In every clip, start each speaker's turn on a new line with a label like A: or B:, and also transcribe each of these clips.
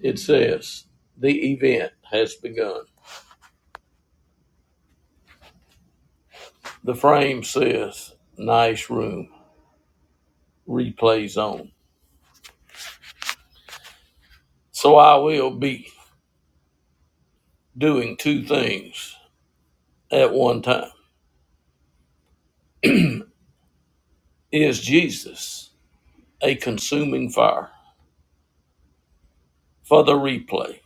A: It says, The event has begun. The frame says, Nice room, replays on. So I will be doing two things at one time. Is Jesus a consuming fire? For the replay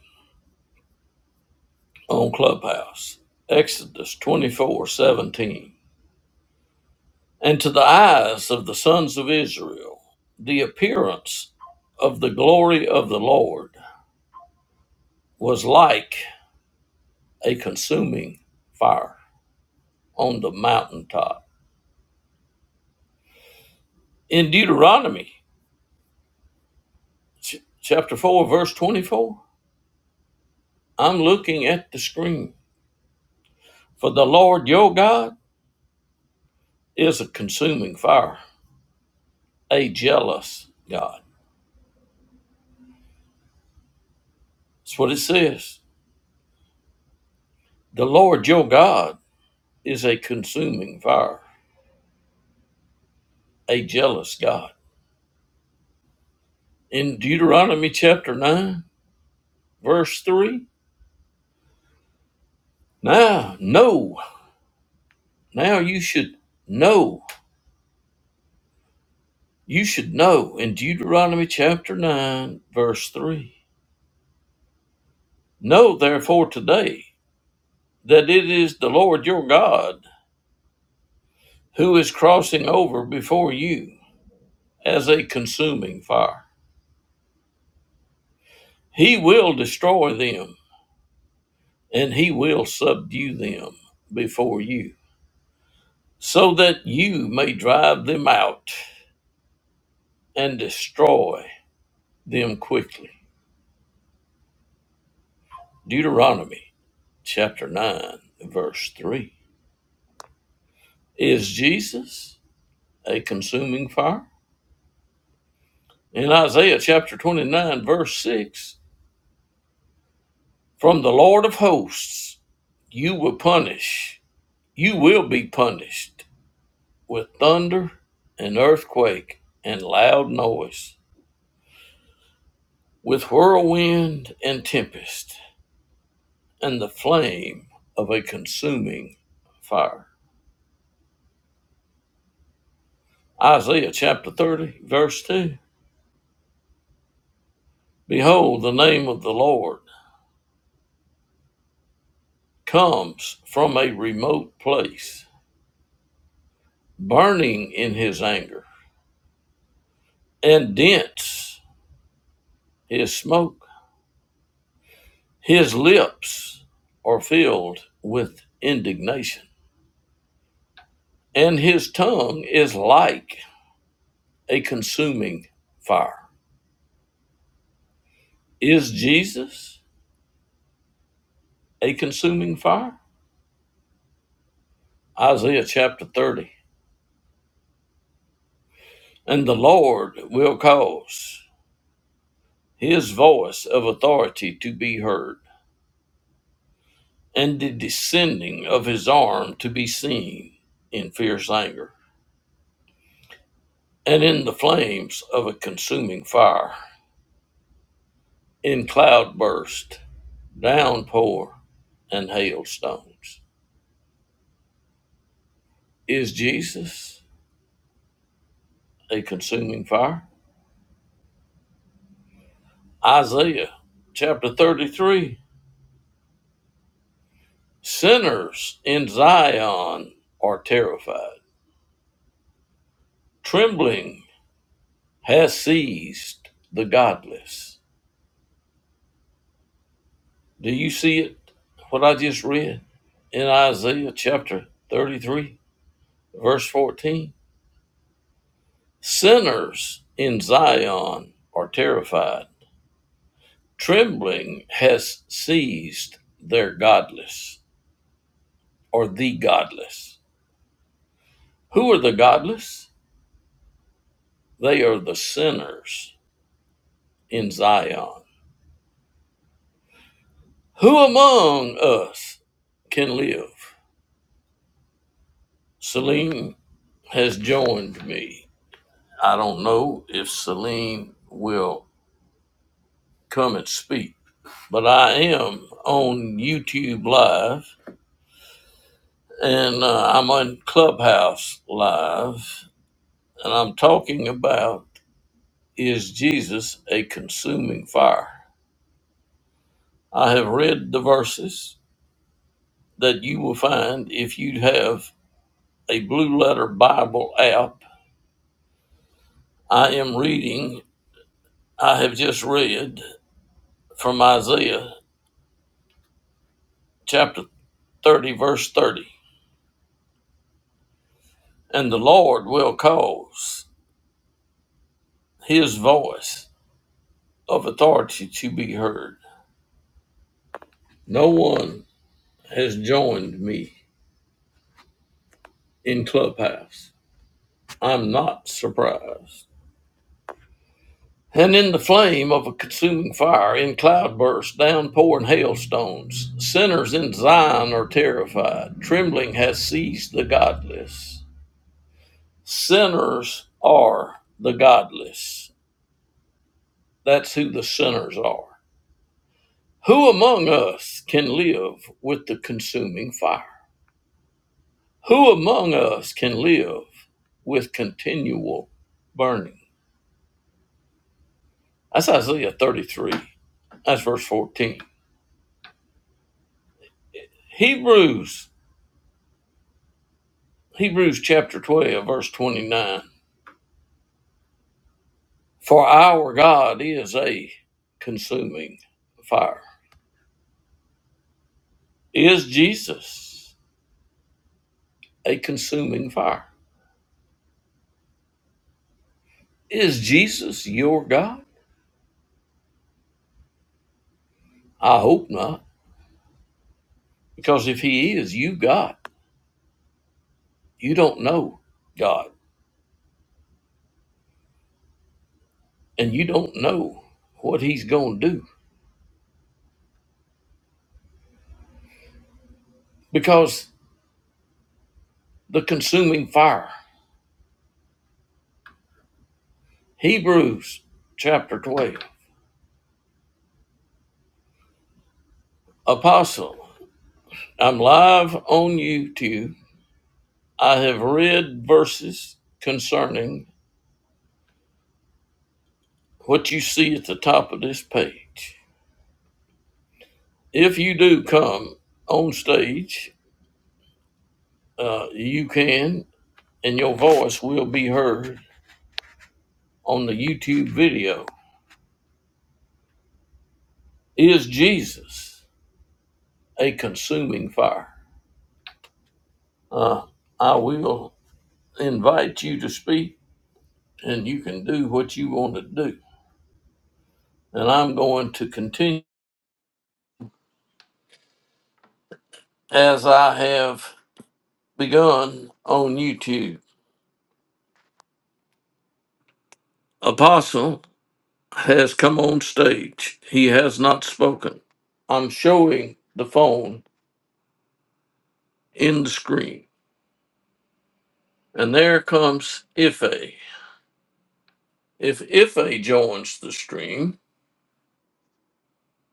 A: on Clubhouse, Exodus twenty-four seventeen. And to the eyes of the sons of Israel, the appearance of the glory of the Lord was like a consuming fire. on the mountaintop. In Deuteronomy ch- chapter 4, verse 24, I'm looking at the screen. For the Lord your God is a consuming fire, a jealous God. That's what it says. The Lord your God is a consuming fire, a jealous God. In Deuteronomy chapter 9, verse 3, now know, now you should know, you should know in Deuteronomy chapter 9, verse 3 Know therefore today that it is the Lord your God who is crossing over before you as a consuming fire. He will destroy them and he will subdue them before you, so that you may drive them out and destroy them quickly. Deuteronomy chapter 9, verse 3. Is Jesus a consuming fire? In Isaiah chapter 29, verse 6, From the Lord of hosts, you will punish, you will be punished with thunder and earthquake and loud noise, with whirlwind and tempest, and the flame of a consuming fire. Isaiah chapter 30, verse 2. Behold, the name of the Lord comes from a remote place, burning in his anger, and dense his smoke. His lips are filled with indignation, and his tongue is like a consuming fire. Is Jesus a consuming fire? Isaiah chapter 30. And the Lord will cause his voice of authority to be heard, and the descending of his arm to be seen in fierce anger, and in the flames of a consuming fire, in cloudburst downpour and hailstones. Is Jesus a consuming fire? Isaiah chapter 33 Sinners in Zion are terrified. Trembling has seized the godless. Do you see it? What I just read in Isaiah chapter 33, verse 14. Sinners in Zion are terrified. Trembling has seized their godless or the godless. Who are the godless? They are the sinners in Zion. Who among us can live? Celine has joined me. I don't know if Celine will come and speak, but I am on YouTube Live and uh, I'm on Clubhouse Live and I'm talking about Is Jesus a consuming fire? I have read the verses that you will find if you have a blue letter Bible app. I am reading, I have just read from Isaiah chapter 30, verse 30. And the Lord will cause his voice of authority to be heard. No one has joined me in Clubhouse. I'm not surprised. and in the flame of a consuming fire, in cloudbursts, downpouring hailstones, sinners in Zion are terrified. Trembling has seized the godless. Sinners are the godless. That's who the sinners are. Who among us can live with the consuming fire? Who among us can live with continual burning? That's Isaiah 33. That's verse 14. Hebrews Hebrews chapter 12, verse 29. For our God is a consuming fire. Is Jesus a consuming fire? Is Jesus your God? I hope not. Because if he is, you got. You don't know God. And you don't know what he's going to do. Because the consuming fire. Hebrews chapter 12. Apostle, I'm live on YouTube I have read verses concerning what you see at the top of this page. If you do come on stage, uh, you can, and your voice will be heard on the YouTube video. Is Jesus a consuming fire? Uh, I will invite you to speak, and you can do what you want to do. And I'm going to continue as I have begun on YouTube. Apostle, has come on stage. He has not spoken. I'm showing the phone in the screen. And there comes Ife. If Ife joins the stream,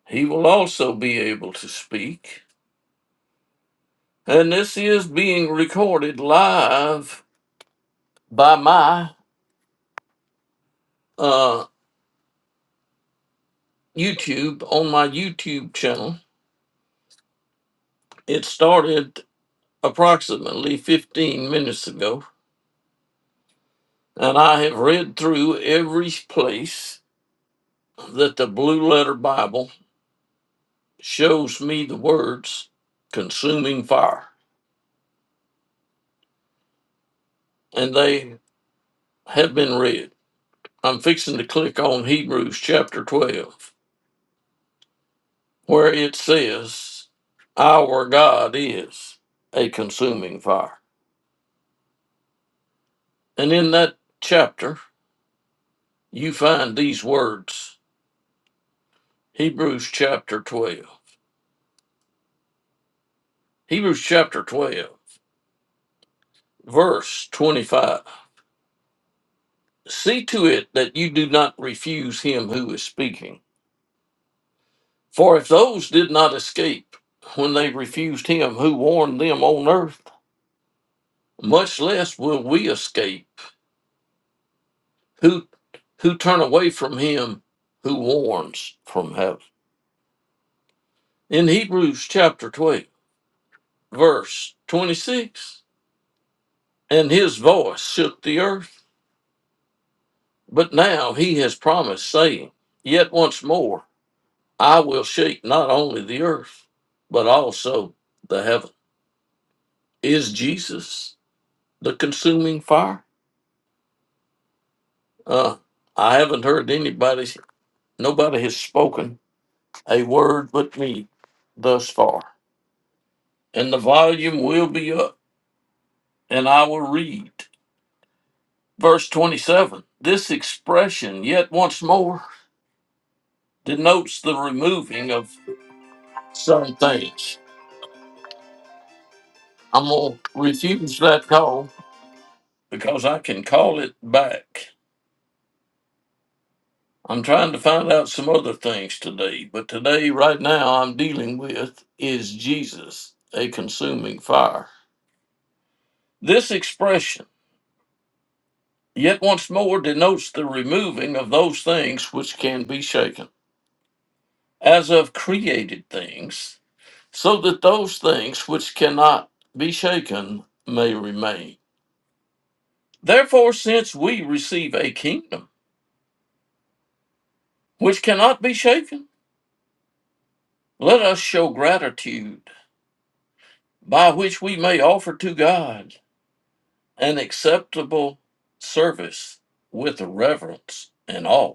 A: he will also be able to speak. And this is being recorded live by my uh, YouTube on my YouTube channel. It started approximately 15 minutes ago, and I have read through every place that the Blue Letter Bible shows me the words consuming fire, and they have been read. I'm fixing to click on Hebrews chapter 12, where it says, Our God is a consuming fire. And in that chapter, you find these words Hebrews chapter 12. Hebrews chapter 12, verse 25. See to it that you do not refuse him who is speaking. For if those did not escape when they refused him who warned them on earth, much less will we escape who who turn away from him who warns from heaven. In Hebrews chapter 12, verse 26, and his voice shook the earth, but now he has promised, saying, Yet once more I will shake not only the earth, but also the heaven. Is Jesus the consuming fire? Uh, I haven't heard anybody, nobody has spoken a word but me thus far. And the volume will be up, and I will read. Verse 27 This expression, yet once more, denotes the removing of some things. I'm going to refuse that call because I can call it back. I'm trying to find out some other things today, but today, right now, I'm dealing with is Jesus a consuming fire? This expression yet once more denotes the removing of those things which can be shaken, as of created things, so that those things which cannot be shaken may remain. Therefore, since we receive a kingdom which cannot be shaken, let us show gratitude by which we may offer to God an acceptable service with reverence and awe.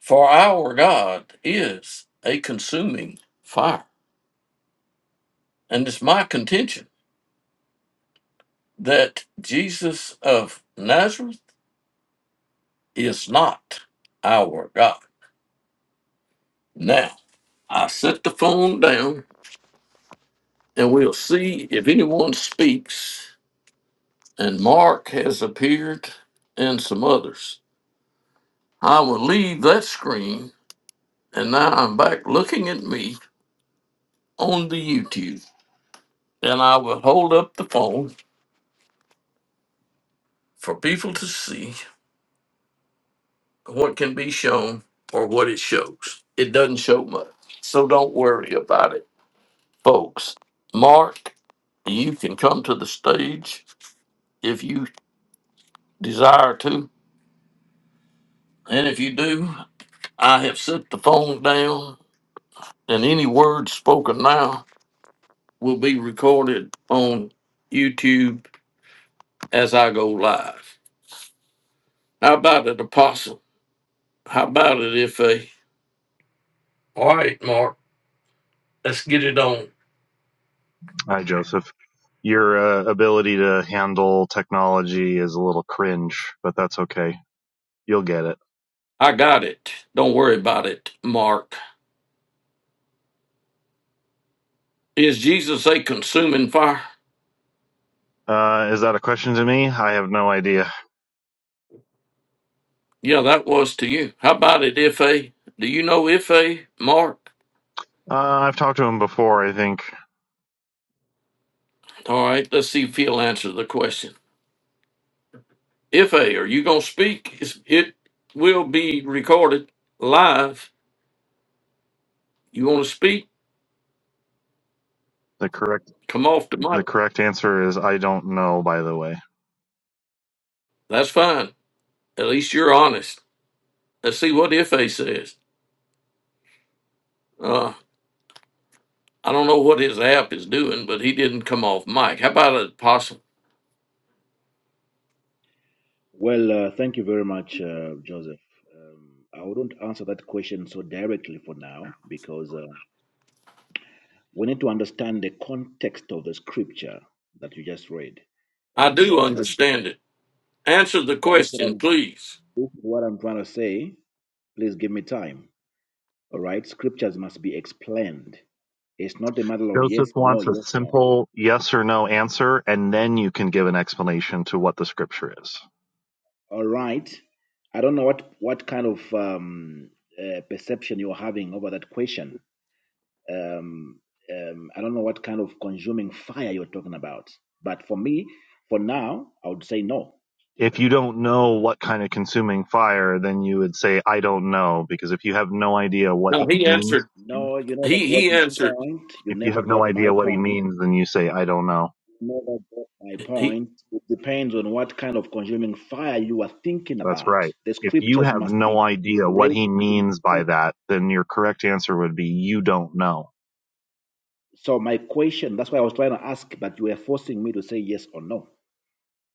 A: For our God is a consuming fire. And it's my contention that Jesus of Nazareth is not our God. Now, I set the phone down and we'll see if anyone speaks. And Mark has appeared and some others. I will leave that screen and now I'm back looking at me on the YouTube. And I will hold up the phone for people to see what can be shown or what it shows. It doesn't show much. So don't worry about it, folks. Mark, you can come to the stage if you desire to. And if you do, I have set the phone down, and any words spoken now will be recorded on YouTube as I go live. How about it, Apostle? How about it, if a. All right, Mark, let's get it on.
B: Hi, Joseph. Your uh, ability to handle technology is a little cringe, but that's okay. You'll get it.
A: I got it. Don't worry about it, Mark. Is Jesus a consuming fire?
B: Uh, is that a question to me? I have no idea.
A: Yeah, that was to you. How about it, Ife? Do you know Ife, Mark?
B: Uh, I've talked to him before. I think
A: All right, let's see if he'll answer the question. Ife, are you going to speak? It's, it will be recorded live. You want to speak?
B: the correct
A: Come off the
B: the
A: mic.
B: correct answer is I don't know. By the way,
A: That's fine. At least you're honest. Let's see what Ife says. Uh, I don't know what his app is doing, but he didn't come off mic. How about it, Apostle?
C: Well, uh, thank you very much, uh, Joseph. Um, I wouldn't answer that question so directly for now because uh, we need to understand the context of the scripture that you just read,
A: I
C: and
A: do
C: uh, not
A: understand it. Answer the
C: yeah. This is, what
A: question,
C: I'm,
A: please.
C: this is what I'm trying to say. Please give me time. All right, scriptures must be explained. It's not a matter of
B: Joseph
C: yes, no,
B: wants a
C: yes, no.
B: simple yes or no answer, and then you can give an explanation to what the scripture is.
C: All right. I don't know what what kind of um, uh, perception you're having over that question um, um, I don't know what kind of consuming fire you're talking about. But for me, for now, I would say no.
B: If you don't know what kind of consuming fire, then you would say I don't know, because if you have no idea what
A: No,
B: he
A: he
B: means
A: answered.
C: No, you never
A: He
C: got
A: he
C: my
A: answered.
C: point. You
B: If you
C: never
B: have no
C: got my
B: idea what he
C: point.
B: means, then you say, I don't know.
C: You never got my
A: He
C: point. It depends on what kind of consuming fire you are thinking
B: That's
C: about.
B: right.
C: The
B: If you
C: scriptures
B: have
C: must be
B: no idea what
C: read.
B: he
C: in-
B: means by that, then your correct answer would be, you don't know.
C: So my question, that's why I was trying to ask, but you were forcing me to say yes or no.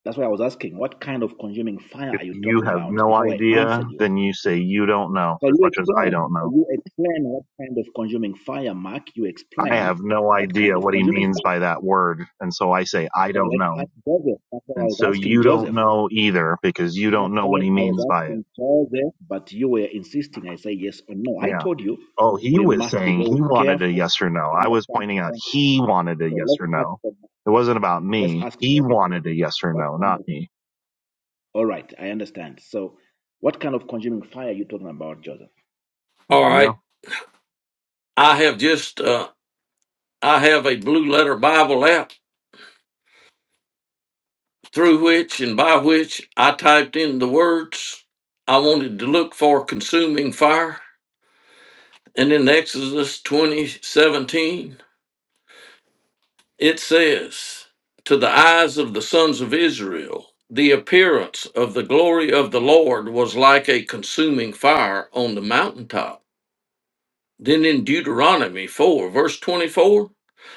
C: That's why I was asking, what kind of consuming fire
B: If
C: are you
B: you
C: talking
B: have
C: about
B: no
C: before I answer
B: idea,
C: you?
B: then you say, you don't know
C: So
B: as
C: you
B: much as I
C: explain.
B: don't
C: So
B: know.
C: you explain what kind of consuming fire, Mark. You
B: I
C: explain
B: have no
C: what kind
B: idea
C: of
B: what he
C: consuming
B: means
C: fire.
B: by that word. And so I say, I
C: So
B: don't
C: let's
B: know.
C: ask Joseph. That's why
B: And
C: I
B: so
C: was asking
B: you don't
C: Joseph.
B: know either because you
C: That's
B: don't know
C: why
B: what he
C: I
B: means
C: was
B: by it.
C: asking Joseph, but you were insisting. I say yes or no. I
B: Yeah.
C: told you
B: Oh, he
C: we
B: was
C: must be
B: saying
C: very
B: he wanted a
C: careful,
B: yes or no. I was
C: understand the
B: pointing out
C: context.
B: he wanted a
C: So
B: yes
C: let's
B: or no.
C: ask them.
B: It wasn't about
C: Let's
B: me.
C: ask
B: He
C: Joseph
B: wanted a yes or
C: what
B: no,
C: kind
B: not
C: of.
B: me.
C: All right, I understand. So what kind of consuming fire are you talking about, Joseph?
A: all
B: There you
A: right.
B: go.
A: I have just uh, I have a blue letter Bible app through which and by which I typed in the words I wanted to look for consuming fire, and in Exodus twenty seventeen it says to the eyes of the sons of Israel. The appearance of the glory of the Lord was like a consuming fire on the mountaintop. Then in Deuteronomy 4, verse 24,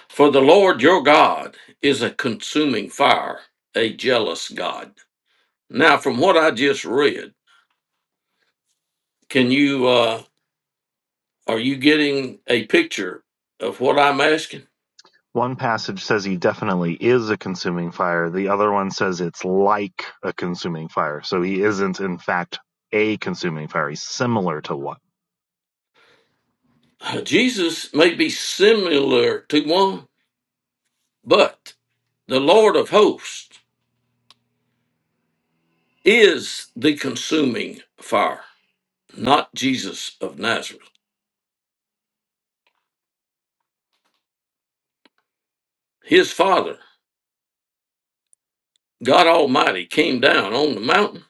A: For the Lord your God is a consuming fire, a jealous God. Now, from what I just read, can you, uh, are you getting a picture of what I'm asking?
B: One passage says he definitely is a consuming fire. The other one says it's like a consuming fire. So he isn't, in fact, a consuming fire. He's similar to what?
A: Uh, Jesus may be similar to one, but the Lord of hosts is the consuming fire, not Jesus of Nazareth. His Father, God Almighty, came down on the mountain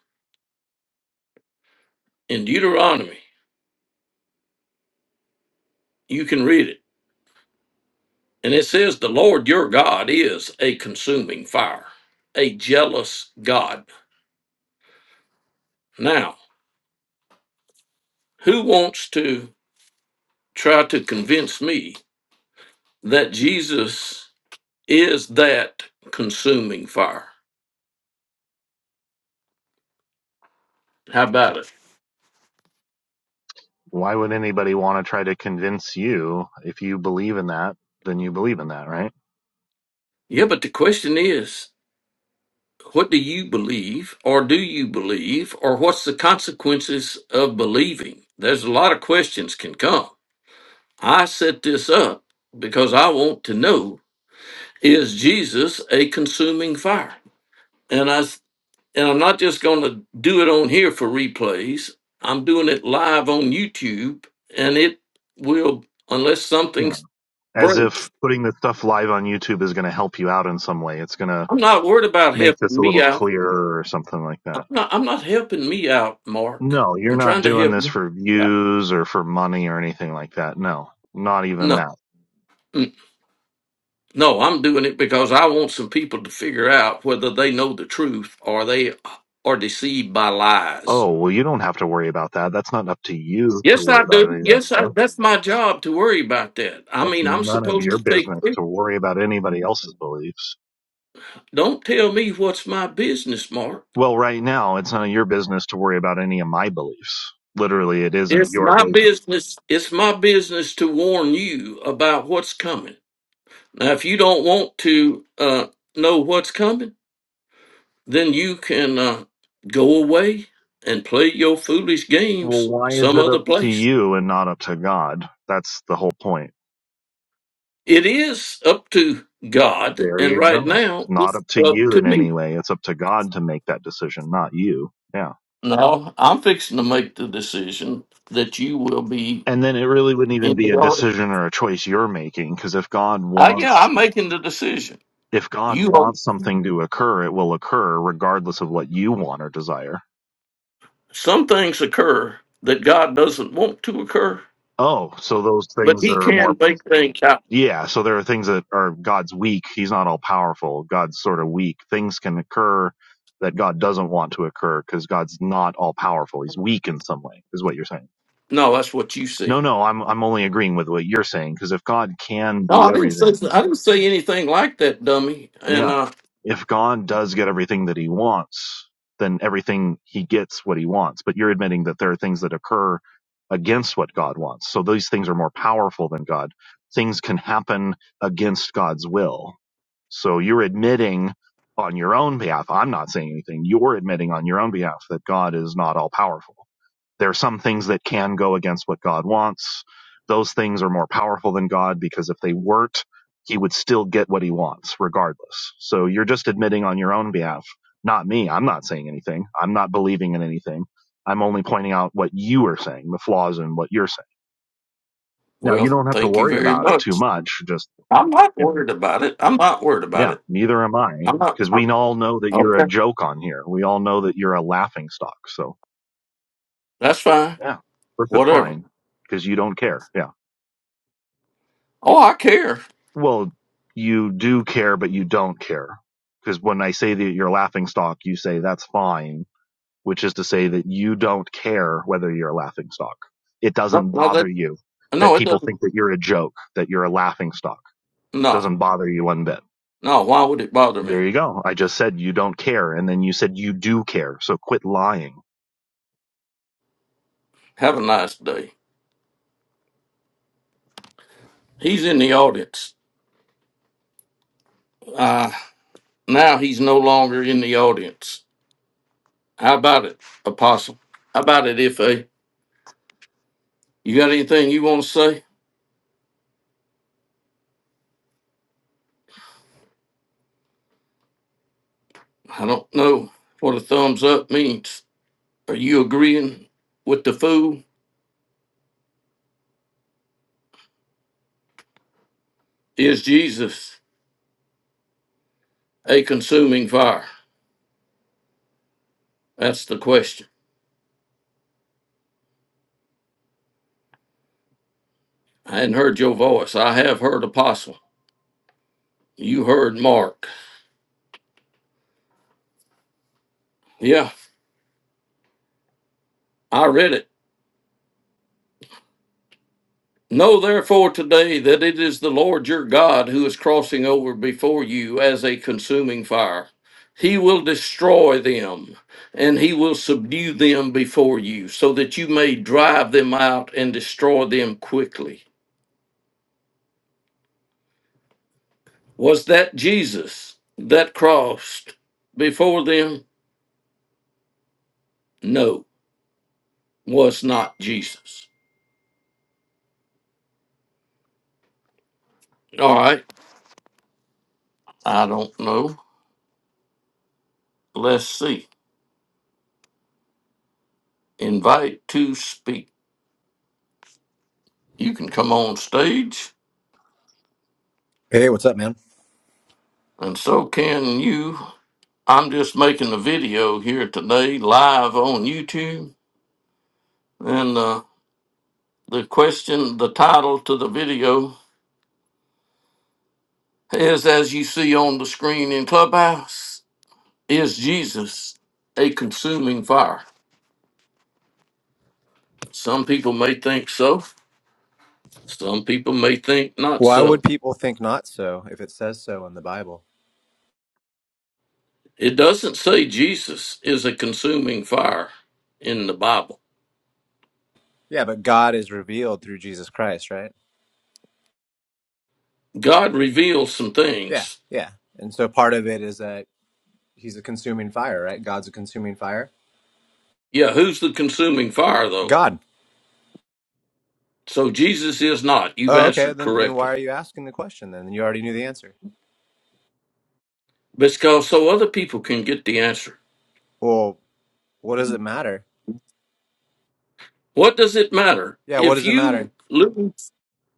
A: in Deuteronomy. You can read it And it says, The Lord your God is a consuming fire, a jealous God. Now, who wants to try to convince me that Jesus is that consuming fire? How about it?
B: Why would anybody want to try to convince you if you believe in that? Then you believe in that, right?
A: Yeah, but the question is, what do you believe, or do you believe, or what's the consequences of believing? There's a lot of questions can come. I set this up because I want to know is Jesus a consuming fire? and I s- and I'm not just going to do it on here for replays. I'm doing it live on YouTube, and it will unless something
B: Yeah.
A: s-
B: As
A: breaks.
B: if putting this stuff live on YouTube is going to help you out in some way. It's going to
A: I'm not worried about
B: make this
A: helping
B: a
A: me
B: little
A: out.
B: clearer or something like
A: I'm
B: that.
A: not. I'm not helping me out, Mark.
B: No, you're
A: I'm
B: not
A: trying to
B: doing
A: help.
B: this
A: you
B: for
A: out.
B: views or for money or anything like that. No, not even
A: No,
B: that.
A: mm, no. I'm doing it because I want some people to figure out whether they know the truth or they are deceived by lies.
B: Oh, well, you don't have to worry about that. That's not up to you to
A: Yes,
B: worry
A: I
B: about
A: do.
B: any of that
A: Yes, I,
B: stuff.
A: that's my job to worry about that. I
B: That's
A: mean, I'm
B: none of
A: supposed
B: your
A: to take.
B: business to worry about anybody else's beliefs.
A: Don't tell me what's my business, Mark.
B: Well, right now, it's none of your business to worry about any of my beliefs. Literally, it isn't
A: It's
B: your
A: my
B: business.
A: business. It's my business to warn you about what's coming. Now, if you don't want to uh, know what's coming, then you can uh, go away and play your foolish
B: Well,
A: games
B: why is
A: some
B: it
A: other
B: up to
A: place.
B: you and not up to God? That's the whole point.
A: It is up to God,
B: There
A: and
B: you
A: right
B: go. It's
A: now
B: not
A: it's
B: up to
A: up
B: you
A: to
B: in
A: me.
B: any way. It's up to God to make that decision, not you. Yeah.
A: No, I'm fixing to make the decision that you will be
B: And then it really wouldn't even
A: in
B: be
A: the.
B: a
A: ark.
B: decision or a choice you're making because if God
A: I yeah,
B: wants
A: I'm making the decision.
B: if God
A: You are
B: wants something to occur, it will occur regardless of what you want or desire.
A: some things occur that God doesn't want to occur,
B: Oh, so those
A: but
B: things
A: He
B: that are
A: can
B: more
A: make things happen.
B: yeah, so there are things that are God's weak. He's not all powerful. God's sort of weak. Things can occur that God doesn't want to occur because God's not all powerful. He's weak in some way, is what you're saying.
A: No, that's what you
B: No,
A: said.
B: no, I'm I'm only agreeing with what you're saying because if God can
A: No,
B: do
A: I didn't say
B: everything,
A: I didn't say anything like that, dummy. And
B: yeah,
A: uh,
B: if God does get everything that he wants, then everything he gets what he wants. But you're admitting that there are things that occur against what God wants. So these things are more powerful than God. Things can happen against God's will. So you're admitting on your own behalf, I'm not saying anything. You're admitting on your own behalf that God is not all powerful. There are some things that can go against what God wants. Those things are more powerful than God because if they weren't, he would still get what he wants regardless. So you're just admitting on your own behalf, not me. I'm not saying anything. I'm not believing in anything. I'm only pointing out what you are saying, the flaws in what you're saying. Now you
A: well,
B: don't have to
A: thank you
B: worry
A: very
B: about it too
A: much.
B: much. Just,
A: I'm not
B: yeah,
A: worried about it. I'm not worried about
B: yeah,
A: it.
B: neither am I
A: I'm not.
B: because
A: I'm,
B: we all know that you're a
A: okay,
B: joke on here. We all know that you're a laughing stock. So
A: that's fine.
B: yeah, Earth it's
A: Whatever.
B: fine because you don't care. Yeah.
A: Oh, I care.
B: Well, you do care, but you don't care. Because when I say that you're a laughing stock, you say that's fine, which is to say that you don't care whether you're a laughing stock. It
A: No,
B: doesn't
A: no, that
B: bother you that
A: no, it
B: people
A: doesn't.
B: think that you're a joke, that you're a laughing stock.
A: No,
B: Doesn't bother you one bit.
A: no. Why would it bother
B: There
A: me?
B: you go. I just said you don't care, and then you said you do care. So quit lying.
A: Have a nice day. He's in the audience. Uh, now he's no longer in the audience. How about it, Apostle? How about it, Ife? You got anything you want to say? I don't know what a thumbs up means. Are you agreeing with the fool? Is Jesus a consuming fire? That's the question. I hadn't heard your voice. I have heard Apostle. You heard Mark. Yeah, I read it. Know therefore today that it is the Lord your God who is crossing over before you as a consuming fire. He will destroy them and he will subdue them before you so that you may drive them out and destroy them quickly. Was that Jesus that crossed before them? No, was not Jesus. All right, I don't know. Let's see. Invite to speak. You can come on stage.
D: Hey, what's up, man?
A: And so can you. I'm just making a video here today, live on YouTube. And uh, the question, the title to the video is as you see on the screen in Clubhouse Is Jesus a consuming fire? Some people may think so, some people may think not
D: Why would
A: so.
D: people think not so if it says so in the Bible?
A: It doesn't say Jesus is a consuming fire in the Bible.
D: Yeah, but God is revealed through Jesus Christ, right?
A: God reveals some
D: Yeah,
A: things.
D: yeah. And so part of it is that he's a consuming fire, right? God's a consuming fire.
A: Yeah, who's the consuming fire, though?
D: God.
A: So Jesus is not. You've
D: Oh, okay.
A: answered
D: Then then why
A: correctly.
D: are you asking the question then? You already knew the answer.
A: Because so other people can get the answer.
D: Well, what does it matter?
A: What does it matter?
D: Yeah, what
A: If
D: does it
A: you
D: matter?
A: lose,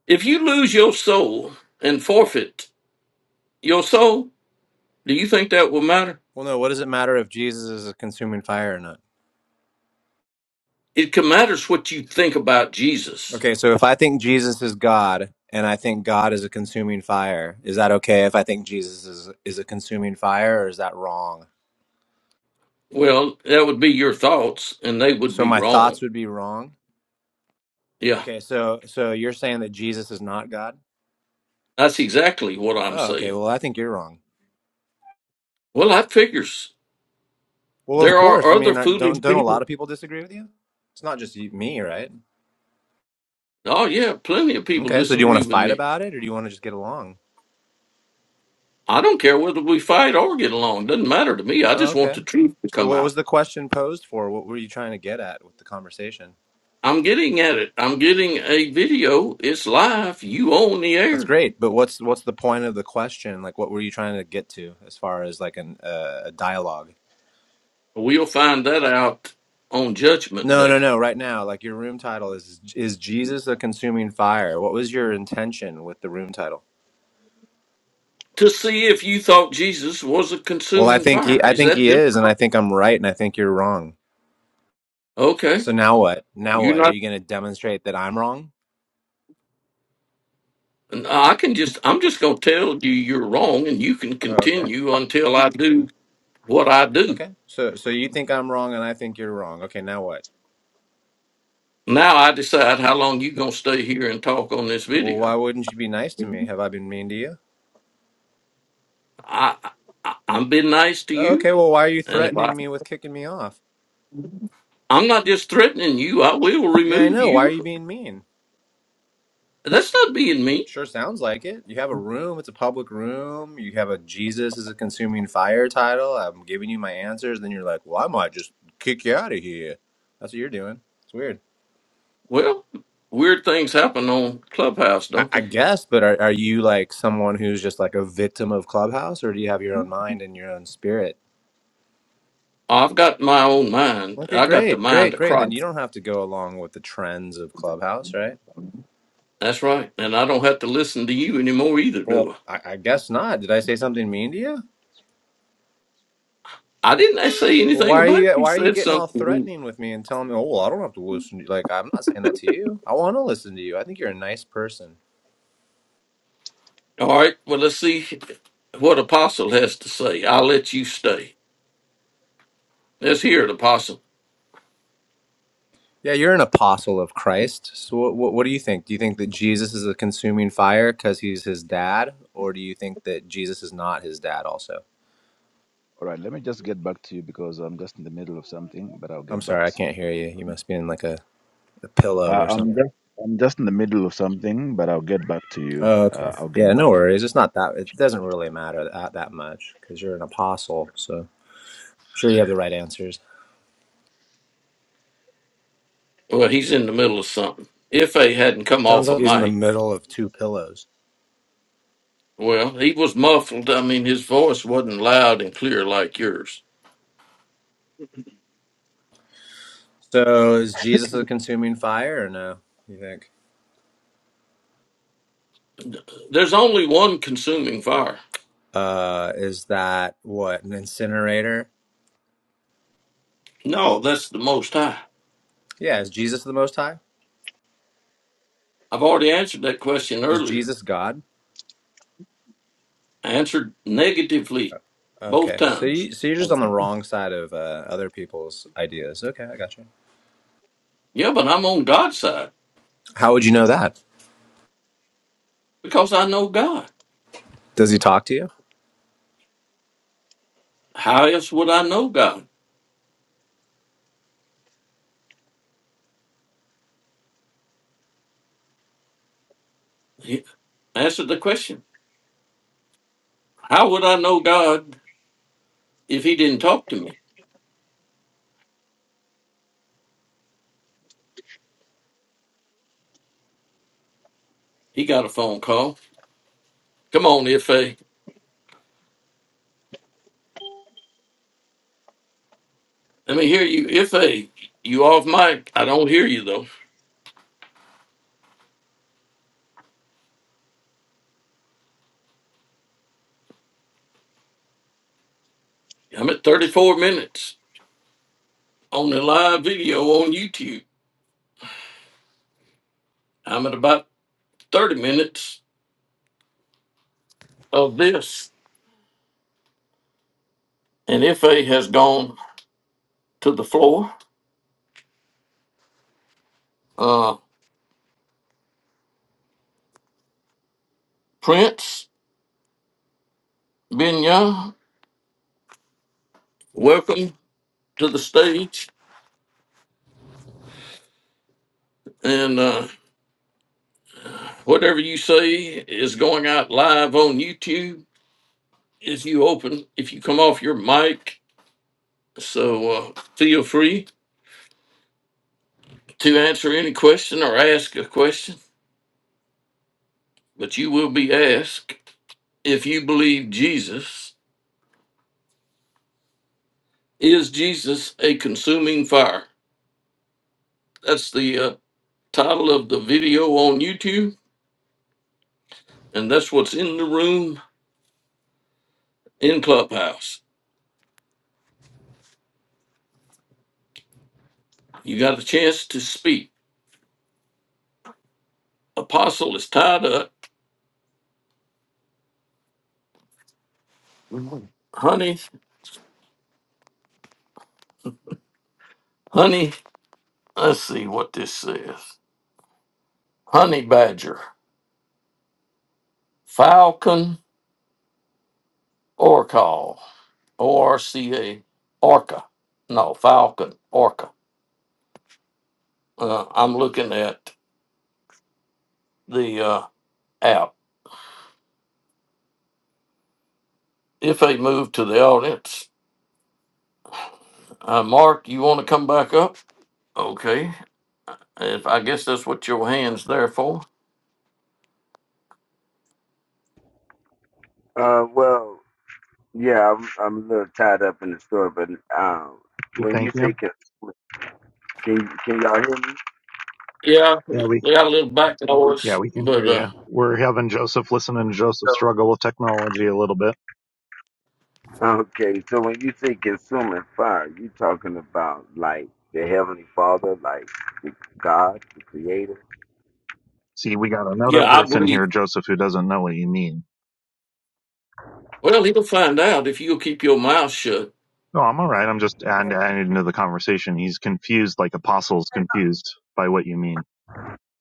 A: if you lose your soul and forfeit your soul, do you think that will matter?
D: Well, no, what does it matter if Jesus is a consuming fire or not?
A: It can matters what you think about Jesus.
D: Okay, so if I think Jesus is God and I think God is a consuming fire, is that okay if I think Jesus is is a consuming fire or is that wrong?
A: Well, that would be your thoughts and they would
D: So
A: be
D: my thoughts
A: wrong.
D: would be wrong.
A: Yeah.
D: Okay, so so you're saying that Jesus is not God?
A: That's exactly what I'm
D: Oh, okay.
A: saying.
D: Well, I think you're wrong.
A: Well, that figures.
D: Well, of
A: There
D: course.
A: are
D: I
A: other
D: mean, aren't- don't
A: foolish
D: don't a lot
A: people.
D: of people disagree with you? It's not just you, me, right?
A: Oh yeah, plenty of people
D: Okay. So do you want
A: disagree
D: to
A: with
D: fight
A: me.
D: about it or do you want to just get along?
A: I don't care whether we fight or get along. Doesn't matter to me. I
D: Oh,
A: just want the
D: okay.
A: truth to
D: So
A: come
D: what
A: out.
D: was the question posed for? What were you trying to get at with the conversation?
A: I'm getting at it. I'm getting a video. It's live. You own the
D: That's
A: air.
D: great, but what's what's the point of the question? Like, what were you trying to get to as far as like an, uh, a dialogue?
A: We'll find that out on Judgment
D: No,
A: Day
D: no, no. Right now, like your room title is is Jesus a consuming fire? What was your intention with the room title?
A: to see if you thought Jesus was a
D: Well, I
A: consuming
D: think he,
A: fire.
D: I
A: Is
D: think
A: that
D: he is, and I
A: difficult?
D: think I'm right, and I think you're wrong.
A: Okay.
D: So now what? Now
A: You're
D: what? Are
A: not.
D: you going to demonstrate that I'm wrong?
A: I can just. I'm just going to tell you you're wrong, and you can
D: Oh, okay.
A: continue until I
D: okay,
A: do what I do.
D: okay. So, so you think I'm wrong, and I think you're wrong. Okay, now what?
A: Now I decide how long you going to stay here and talk on this
D: Well,
A: video.
D: why wouldn't you be nice to me? Have I been mean to you?
A: I, I I'm being nice to
D: Oh,
A: you,
D: Okay, well, why are you
A: and if I
D: threatening me with kicking me off?
A: I'm not just threatening you, I will
D: Yeah, I
A: remove
D: know. Why are you
A: you.
D: being mean?
A: That's not being mean.
D: Sure sounds like it. You have a room, it's a public room. You have a Jesus is a consuming fire title. I'm giving you my answers. Then you're like, well, I might just kick you out of here. That's what you're doing. It's weird.
A: Well, weird things happen on Clubhouse,
D: I,
A: don't
D: I
A: they?
D: guess, but are, are you like someone who's just like a victim of Clubhouse or do you have your own mind and your own spirit?
A: I've got my own mind.
D: Okay,
A: I got the
D: great,
A: mind
D: great,
A: of
D: great. Then you
A: Christ.
D: don't have to go along with the trends of Clubhouse, right?
A: That's right, and I don't have to listen to you anymore either,
D: Well,
A: do
D: I, I guess not. Did I say something mean to you?
A: I? I didn't say
D: Well,
A: anything
D: why are
A: about it.
D: you
A: You
D: why are you
A: said
D: getting all
A: something. to me.
D: threatening with me and telling me, "Oh, well, I don't have to listen to you." Like, I'm not saying that to you. I want to listen to you. I think you're a nice person.
A: All right. Well, let's see what Apostle has to say. I'll let you stay. Let's hear it, Apostle.
D: Yeah, you're an apostle of Christ. So what what, what do you think? Do you think that Jesus is a consuming fire cuz he's his dad, or do you think that Jesus is not his dad also?
C: All right, let me just get back to you because I'm just in the middle of something, but I'll
D: I'm
C: get back.
D: sorry, I
C: To,
D: can't hear
C: I'll get
D: you. You must be in like a, a pillow
C: Uh,
D: or
C: I'm
D: something.
C: just I'm just in the middle of something, but I'll get back to you.
D: Oh,
C: Uh,
D: okay.
C: I'll get
D: Yeah, no
C: back.
D: worries. It's not that it doesn't really matter that, that much cuz you're an apostle, so I'm sure you have the right answers.
A: Well, he's in the middle of something. If A hadn't come
D: Sounds
A: off a
D: like he's in the
A: mic.
D: middle of two pillows.
A: Well, he was muffled. I mean, his voice wasn't loud and clear like yours.
D: So is Jesus a consuming fire or no? You think?
A: There's only one consuming fire.
D: Uh, is that what an incinerator?
A: No, that's the Most High.
D: Yeah. Is Jesus the Most High?
A: I've already answered that question
D: Is
A: earlier.
D: Jesus God?
A: I answered
D: Oh,
A: negatively both
D: Okay. So
A: times.
D: you so you're just on the wrong side of uh, other people's ideas. Okay, I got you.
A: Yeah, but I'm on God's side
D: How would you know that?
A: because I know God.
D: Does he talk to you?
A: How else would I know God? He answered the question. How would I know God if he didn't talk to me? He got a phone call. Come on, Ife. Let me hear you. Ife, you off mic. I don't hear you though. I'm at 34 minutes on the live video on YouTube. I'm at about 30 minutes of this. And Ife has gone to the floor. Uh, Prince, Binya, welcome to the stage. And uh, whatever you say is going out live on YouTube if you open, if you come off your mic. So uh, feel free to answer any question or ask a question, but you will be asked if you believe Jesus Is Jesus a Consuming Fire? That's the uh, title of the video on YouTube, and that's what's in the room in Clubhouse. You got a chance to speak. Apostle is tied up. Honey, honey, let's see what this says. Honey Badger, Falcon Orcal, O R C A, Orca. No, Falcon, Orca. Uh, I'm looking at the uh, app. If they move to the audience, Uh, Mark, you want to come back up? Okay. If I guess that's what your hand's there for.
E: Uh, well, yeah, I'm I'm a little tied up in the store, but um,
B: Okay,
E: when
B: Thank
E: you
B: you.
E: say can can, can y'all hear me?
A: Yeah,
B: Yeah,
A: they
B: we
A: got a little back
B: yeah
A: noise,
B: we can
A: but
B: hear
A: uh,
B: you. We're having Joseph listen and Joseph
E: So
B: struggle with technology a little bit.
E: okay, so when you say consuming fire, you talking about like the heavenly Father, like the God, the Creator.
B: See, we got another
A: yeah, I
B: person
A: believe.
B: here, Joseph, who doesn't know what you mean.
A: Well, he'll find out if you'll keep your mouth shut.
B: No, I'm all right. I'm just add- adding into the conversation. He's confused, like apostles confused by what you mean.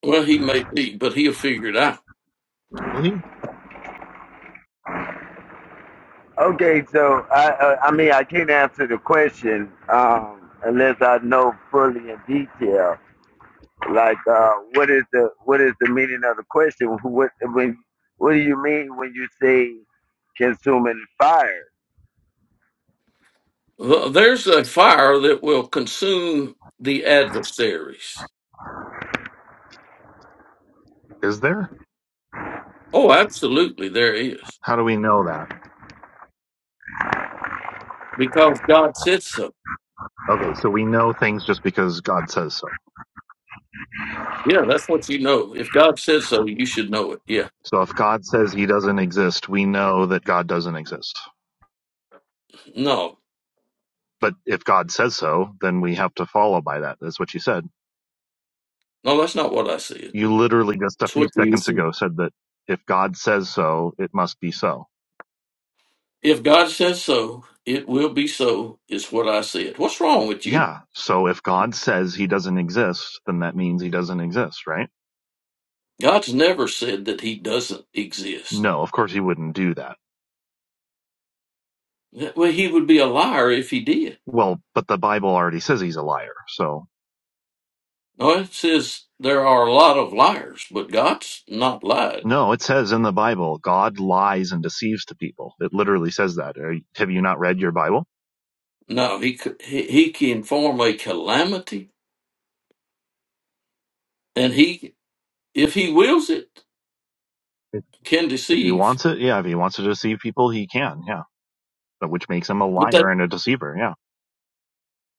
A: Well, he may be, but he'll figure it out.
B: Really?
E: Okay, so I uh, I mean I can't answer the question um, unless I know fully in detail. Like, uh, what is the what is the meaning of the question? What when what do you mean when you say consuming fire?
A: Th- There's a fire that will consume the adversaries.
B: Is there?
A: Oh, absolutely, there is
B: How do we know that?
A: because God said so.
B: Okay, so we know things just because God says so.
A: Yeah, that's what you know. If God said so, you should know it. Yeah.
B: So if God says he doesn't exist, we know that God doesn't exist.
A: No,
B: But if God says so, then we have to follow by that. That's what you said.
A: no, that's not what I said.
B: You literally just a
A: It's
B: few
A: what you
B: seconds
A: said.
B: ago said that if God says so, it must be so.
A: If God says so, it will be so, is what I said. What's wrong with you?
B: Yeah. So if God says he doesn't exist, then that means he doesn't exist, right?
A: God's never said that he doesn't exist.
B: No, of course he wouldn't do that.
A: That- Well, he would be a liar if he did.
B: Well, but the Bible already says he's a liar. So
A: No, it says there are a lot of liars, but God's not lied.
B: no, it says in the Bible, God lies and deceives to people. It literally says that. Are, have you not read your Bible?
A: No, he, c- he, he can form a calamity, and he, if he wills it,
B: If,
A: can
B: if he
A: deceive.
B: wants it, yeah. If he wants to deceive people, he can, yeah. But which makes him a
A: But that,
B: liar and a deceiver, yeah.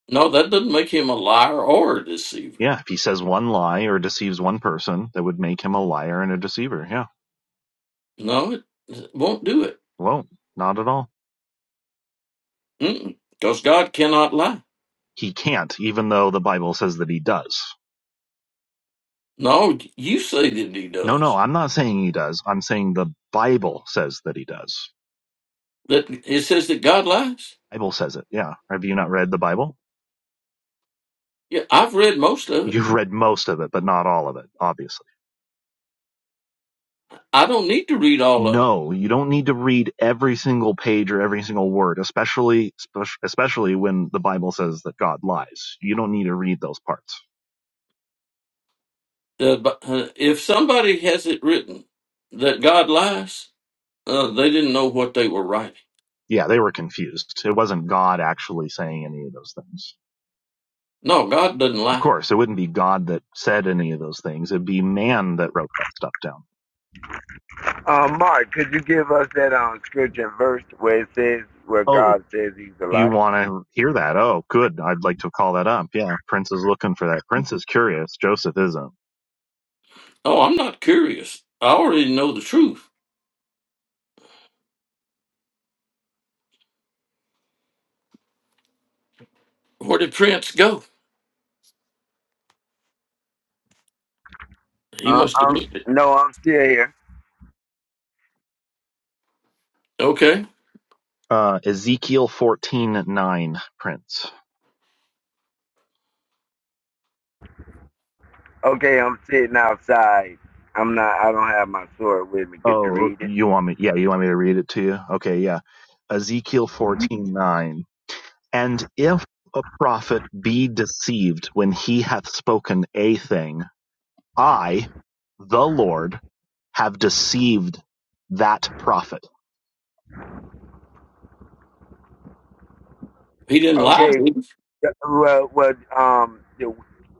A: no, that doesn't make him a liar or a deceiver.
B: Yeah. If he says one lie or deceives one person, that would make him a liar and a deceiver, yeah.
A: No, it, it won't do it.
B: Well, not at all.
A: Because God cannot lie.
B: He can't, even though the Bible says that he does.
A: No, you say that he
B: No, no,
A: does.
B: I'm not saying he does. I'm saying the Bible says that he does.
A: That it says that God lies.
B: Bible says it. Yeah. Have you not read the Bible?
A: Yeah, I've read most of it.
B: You've read most of it, but not all of it, obviously.
A: I don't need to read all of it.
B: No, you don't need to read every single page or every single word, especially especially when the Bible says that God lies. You don't need to read those parts.
A: Uh, but uh, if somebody has it written that God lies, uh, they didn't know what they were writing.
B: Yeah, they were confused. It wasn't God actually saying any of those things.
A: No, God doesn't
B: Of
A: lie.
B: course, it wouldn't be God that said any of those things. It'd be man that wrote that stuff down.
E: Uh, Mark, could you give us that um scripture and verse where it says where
B: Oh,
E: God says He's
B: you
E: alive?
B: want to hear that. Oh, good. I'd like to call that up. Yeah. Prince is looking for that. Prince is curious. Joseph isn't.
A: Oh, I'm not curious. I already know the truth. Where did Prince go? He
E: Uh,
A: must have
E: um,
A: read it.
E: no, I'm still here.
A: Okay,
B: Uh, Ezekiel fourteen nine. Prince.
E: Okay, I'm sitting outside. I'm not. I don't have my sword with me. Could you
B: Oh,
E: read it?
B: you want me? Yeah. You want me to read it to you? Okay. Yeah. Ezekiel fourteen nine. And if a prophet be deceived when he hath spoken a thing, I. the Lord have deceived that prophet.
A: he didn't lie.
E: Okay.
A: did he?
E: Well, well, um,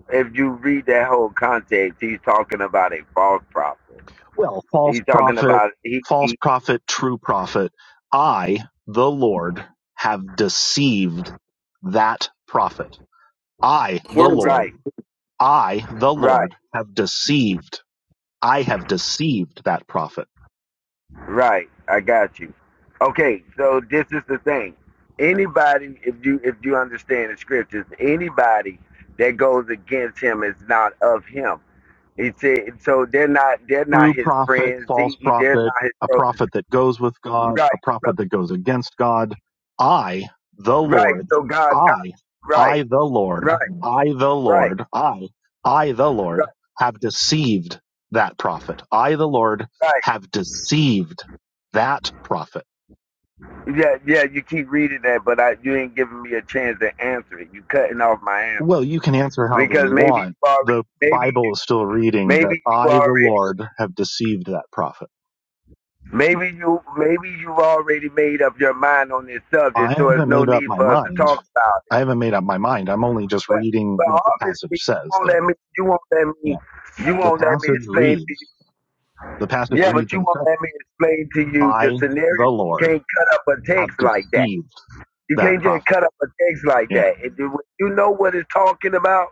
E: if you read that whole context, he's talking about a false prophet.
B: Well, false
E: He's talking
B: prophet,
E: about he,
B: false
E: he
B: prophet, true prophet. I, the Lord, have deceived that prophet. I, the
A: Where is it?
B: Lord,
E: Right,
B: I, the
E: right,
B: Lord, have deceived. I have deceived that prophet.
E: right. I got you. Okay, so this is the thing. Anybody, if you if you understand the scriptures, anybody that goes against him is not of him. He said, so they're not they're not
B: true
E: his
B: prophet,
E: friends. He,
B: false
E: he- they're
B: prophet,
E: not his
B: a
E: brothers.
B: prophet that goes with God,
E: Right,
B: a prophet
E: so-
B: that goes against God. I, the
E: right.
B: Lord,
E: So God,
B: I,
E: God, right,
B: I, the
E: right,
B: Lord, I, the
E: right,
B: Lord, I, I, the
E: right,
B: Lord, have deceived that prophet. I, the Lord,
E: right.
B: have deceived that prophet.
E: Yeah, yeah. You keep reading that, but I, you ain't giving me a chance to answer it. You cutting off my
B: Well,
E: answer
B: you can answer however
E: because
B: you
E: maybe
B: want.
E: you already,
B: The
E: maybe
B: Bible is still reading
E: maybe
B: that
E: you
B: I, the
E: already.
B: Lord, have deceived that prophet.
E: Maybe you maybe you've already made up your mind on this
B: I
E: subject, so there's
B: haven't
E: no
B: made up
E: need
B: my
E: for us to
B: mind.
E: talk about it.
B: I haven't made up my mind. I'm only just
E: But
B: reading
E: but
B: what the passage
E: obviously you
B: says
E: won't
B: there.
E: let me you won't let me
B: Yeah.
E: you
B: The
E: won't let me
B: passage
E: explain to you.
B: reads, the passage
E: Yeah, but
B: reads
E: you
B: and
E: won't
B: says,
E: let me explain to you the
B: I,
E: scenario.
B: the
E: You
B: Lord,
E: can't cut up a
B: have
E: text like that.
B: deceived
E: You
B: that
E: can't just
B: prophet.
E: cut up a text like
B: Yeah.
E: that. And you know what it's talking about,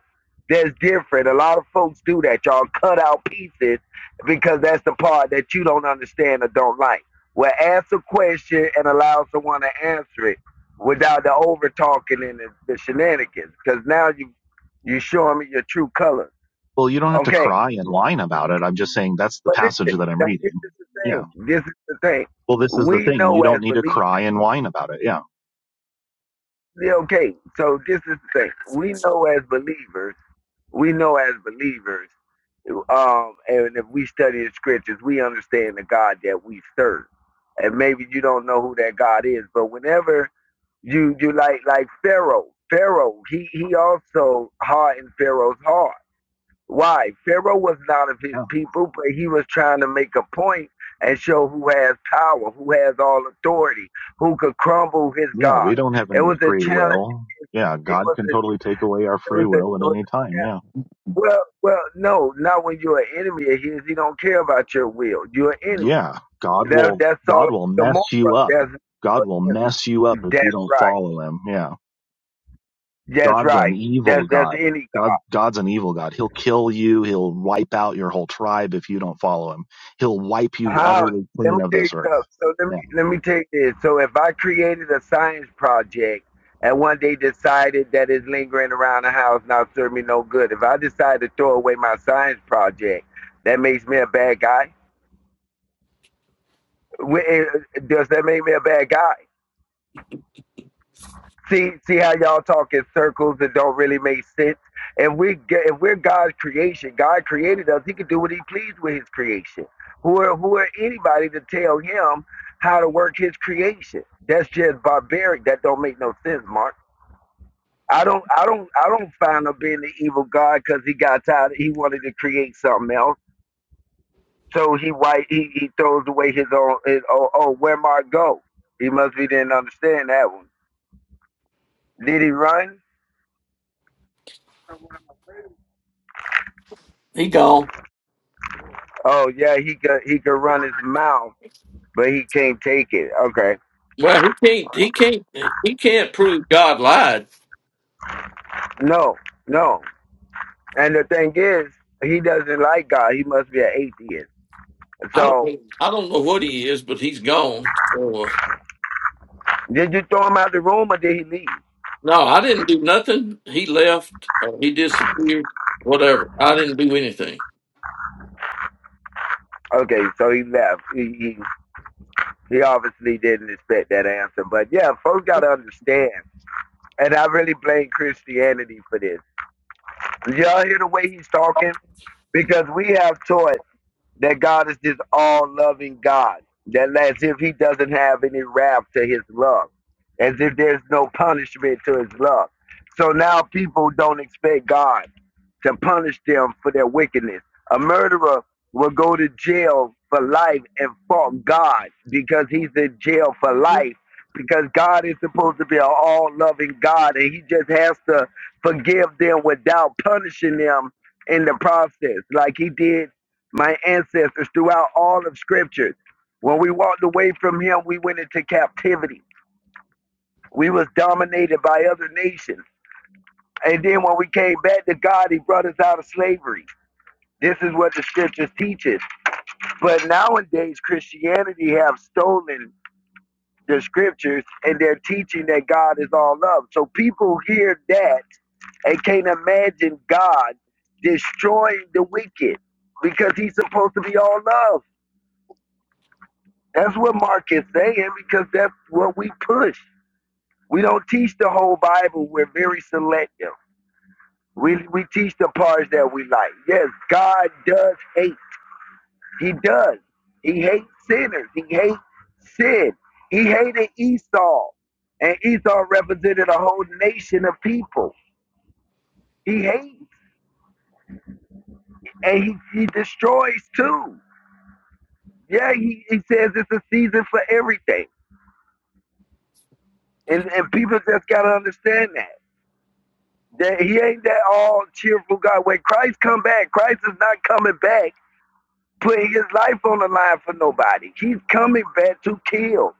E: that's different. A lot of folks do that. Y'all cut out pieces because that's the part that you don't understand or don't like. Well, ask a question and allow someone to answer it without the over talking and the, the shenanigans. Because now you you showing me your true colors.
B: Well, you don't have to
E: Okay,
B: cry and whine about it. I'm just saying that's the
E: but
B: passage
E: listen,
B: that I'm
E: now this
B: reading.
E: is the thing.
B: Yeah.
E: This is the thing.
B: Well, this is the
E: We
B: thing. You
E: know as
B: don't need to
E: believers.
B: cry and whine about it. Yeah.
E: yeah, Okay, so this is the thing. We know as believers we know as believers, um, and if we study the scriptures, we understand the God that we serve. And maybe you don't know who that God is, but whenever you you like like Pharaoh, Pharaoh, he he also hardened Pharaoh's heart. Why? Pharaoh was not of his
B: Yeah.
E: people, but he was trying to make a point and show who has power, who has all authority, who could crumble his
B: Yeah.
E: God.
B: We don't have
E: It
B: any
E: was a
B: free
E: challenge.
B: will. Yeah.
E: It
B: God
E: was
B: can
E: a
B: totally take away our
E: it
B: free
E: was a, it
B: will at
E: was
B: any
E: a challenge.
B: time. Yeah.
E: Well, well, no, not when you're an enemy of his. He don't care about your will. You're an enemy.
B: yeah, God
E: That
B: will
E: that's all.
B: God will
E: Gomorrah.
B: mess you up.
E: That's
B: God will mess you up if
E: that's
B: you don't
E: right.
B: follow him. Yeah.
E: That's
B: God's an
E: right.
B: evil
E: That's that's
B: God.
E: any
B: God God's an evil God. He'll kill you, he'll wipe out your whole tribe if you don't follow him. He'll wipe
E: God.
B: you
E: How?
B: utterly
E: Let me
B: clean of
E: tell you
B: this earth.
E: something. So let me
B: Yeah.
E: let me tell you this. So if I created a science project and one day decided that it's lingering around the house not serving me no good, if I decide to throw away my science project, that makes me a bad guy. eh, Does that make me a bad guy? See, see how y'all talk in circles that don't really make sense. And we get, if we're God's creation, God created us. He can do what He pleased with His creation. Who are who are anybody to tell Him how to work His creation? That's just barbaric. That don't make no sense, Mark. I don't, I don't, I don't find him being the evil God because he got tired. He wanted to create something else, so he white, he, he throws away his own. His, oh, oh, where Mark go? He must be didn't understand that one. Did he run?
A: He gone.
E: Oh yeah, he could he could run his mouth, but he can't take it. Okay.
A: Well, he can't. He can't. He can't prove God lied
E: No, no. And the thing is, he doesn't like God. He must be an atheist.
A: I don't
E: So
A: I don't know what he is, but he's gone. So, uh,
E: did you throw him out the room or did he leave?
A: no, I didn't do nothing. He left. Or he disappeared. Whatever. I didn't do anything.
E: Okay, so he left. He he, he obviously didn't expect that answer. But yeah, folks gotta understand. And I really blame Christianity for this. Did Y'all hear the way he's talking? Because we have taught that God is this all loving God, that as if He doesn't have any wrath to His love, as if there's no punishment to His love. So now people don't expect God to punish them for their wickedness. A murderer will go to jail for life and fault God because he's in jail for life because God is supposed to be an all loving God and he just has to forgive them without punishing them in the process, like he did my ancestors throughout all of Scripture. When we walked away from him, we went into captivity. We was dominated by other nations. And then when we came back to God, he brought us out of slavery. This is what the scriptures teaches. But nowadays Christianity have stolen the scriptures and they're teaching that God is all love. So people hear that and can't imagine God destroying the wicked because he's supposed to be all love. That's what Mark is saying because that's what we push. We don't teach the whole Bible. We're very selective. We, we teach the parts that we like. Yes, God does hate. He does. He hates sinners. He hates sin. He hated Esau. And Esau represented a whole nation of people. He hates and he, he destroys too. Yeah, he, he says it's a season for everything. And, and people just got to understand that. That he ain't that all cheerful God. When Christ come back, Christ is not coming back put his life on the line for nobody. He's coming back to kill.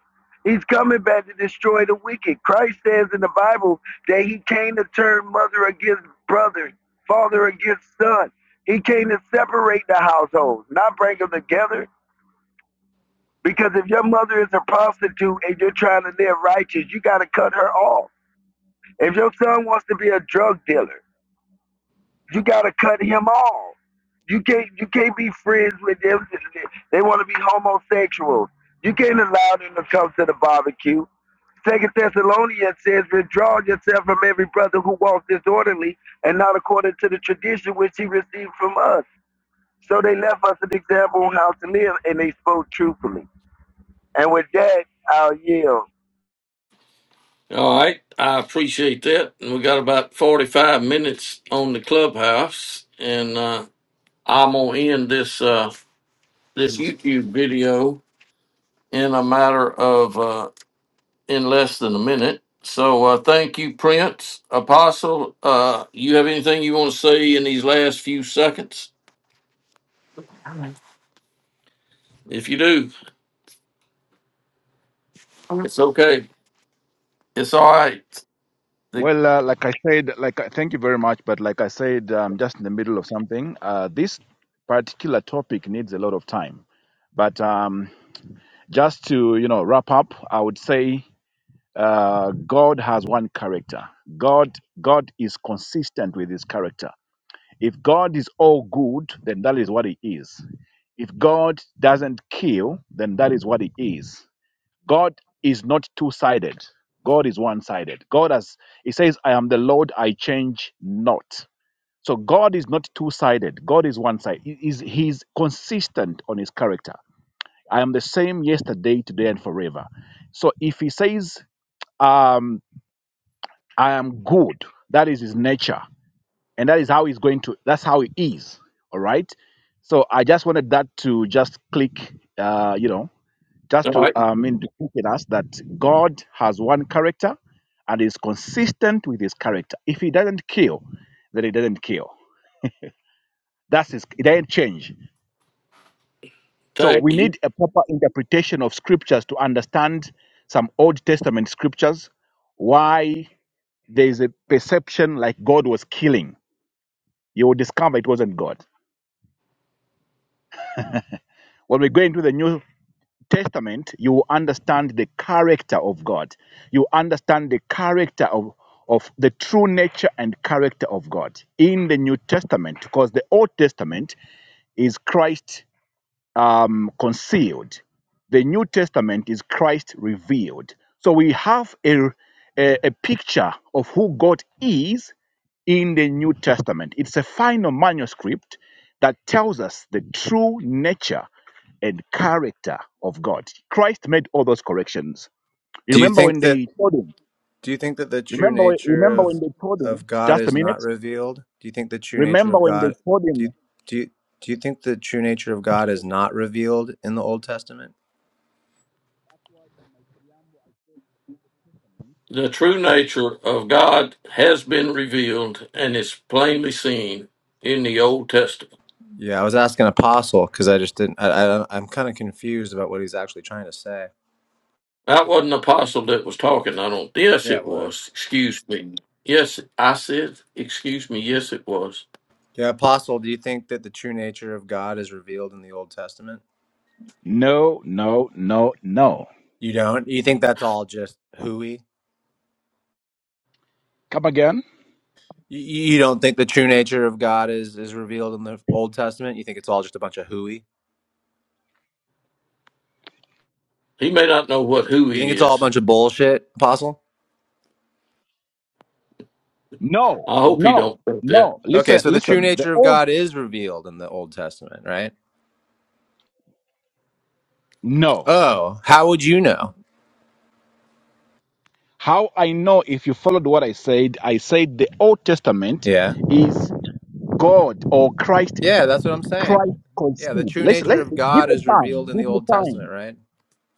E: He's coming back to destroy the wicked. Christ says in the Bible that he came to turn mother against brother, father against son. He came to separate the households, not bring them together. Because if your mother is a prostitute and you're trying to live righteous, you got to cut her off. If your son wants to be a drug dealer, You gotta cut him off. You can't you can't be friends with them. They want to be homosexuals. You can't allow them to come to the barbecue. Second Thessalonians says, withdraw yourself from every brother who walks disorderly and not according to the tradition which he received from us. So they left us an example on how to live, and they spoke truthfully. And with that, I'll yield.
A: All right. I appreciate that. And we got about forty five minutes on the clubhouse, and uh, I'm gonna end this uh, this YouTube video in a matter of uh, in less than a minute. So uh, thank you, Prince Apostle. Uh, you have anything you want to say in these last few seconds? If you do, it's okay. It's all right. The,
C: Well, uh, like I said, like I- thank you very much, but like I said, I'm just in the middle of something. Uh, this particular topic needs a lot of time, but um, just to you know wrap up, I would say uh, God has one character. God God is consistent with His character. If God is all good, then that is what He is. If God doesn't kill, then that is what He is God is not two sided. God is one sided. God has, He says, I am the Lord, I change not. So God is not two sided. God is one sided. He is he's consistent on His character. I am the same yesterday, today, and forever. So if He says, um, I am good, that is His nature. And that is how He's going to, that's how He is. All right. So I just wanted that to just click, uh, you know,
A: all
C: just to
A: right.
C: um, indicate us that God has one character and is consistent with his character. If he doesn't kill, then he doesn't kill. That's his, it doesn't change. So
A: Thank
C: we
A: you.
C: need a proper interpretation of scriptures to understand some Old Testament scriptures, why there is a perception like God was killing. You will discover it wasn't God. When we go into the New Testament, you understand the character of God. You understand the character of, of the true nature and character of God in the New Testament, because the Old Testament is Christ um, concealed. The New Testament is Christ revealed. So we have a, a, a picture of who God is in the New Testament. It's a final manuscript that tells us the true nature and character of God. Christ made all those corrections. You
D: Do you
C: remember
D: think
C: when
D: that
C: they told him,
D: do you think that the true
C: remember, when-
D: nature
C: remember
D: of
C: when they told him,
D: of God
C: just a
D: is not
C: minute,
D: revealed? Do you think the true nature
C: remember
D: of
C: when they
D: God
C: told
D: do you,
C: him,
D: do you, do you think the true nature of God is not revealed in the Old Testament?
A: The true nature of God has been revealed and is plainly seen in the Old Testament.
D: Yeah, I was asking Apostle because I just didn't. I, I I'm kind of confused about what he's actually trying to say.
A: That wasn't the apostle that was talking. I don't. Yes,
D: Yeah,
A: it
D: it was.
A: was. Excuse me. Yes, I said. Excuse me. Yes, it was.
D: Yeah, Apostle, do you think that the true nature of God is revealed in the Old Testament?
C: no, no, no, no.
D: You don't. You think that's all just hooey?
C: Come again.
D: You, you don't think the true nature of God is is revealed in the Old Testament? You think it's all just a bunch of hooey?
A: He may not know what who
D: You think
A: he
D: it's all a
A: is.
D: bunch of bullshit, Apostle?
C: No,
A: I hope he
C: no,
A: don't think that.
C: no.
D: Okay,
C: Listen,
D: so the true
C: listen. The
D: nature of
C: old
D: God is revealed in the Old Testament, right?
C: no.
D: Oh, how would you know?
C: How I know if you followed what I said, I said the Old Testament
D: Yeah.
C: is God or Christ,
D: Yeah, that's what I'm saying.
C: Christ
D: Yeah, the
C: conceived.
D: true
C: Listen, let
D: nature
C: give
D: of God
C: me
D: is
C: time.
D: revealed in the
C: Give me
D: Old Testament,
C: time.
D: right?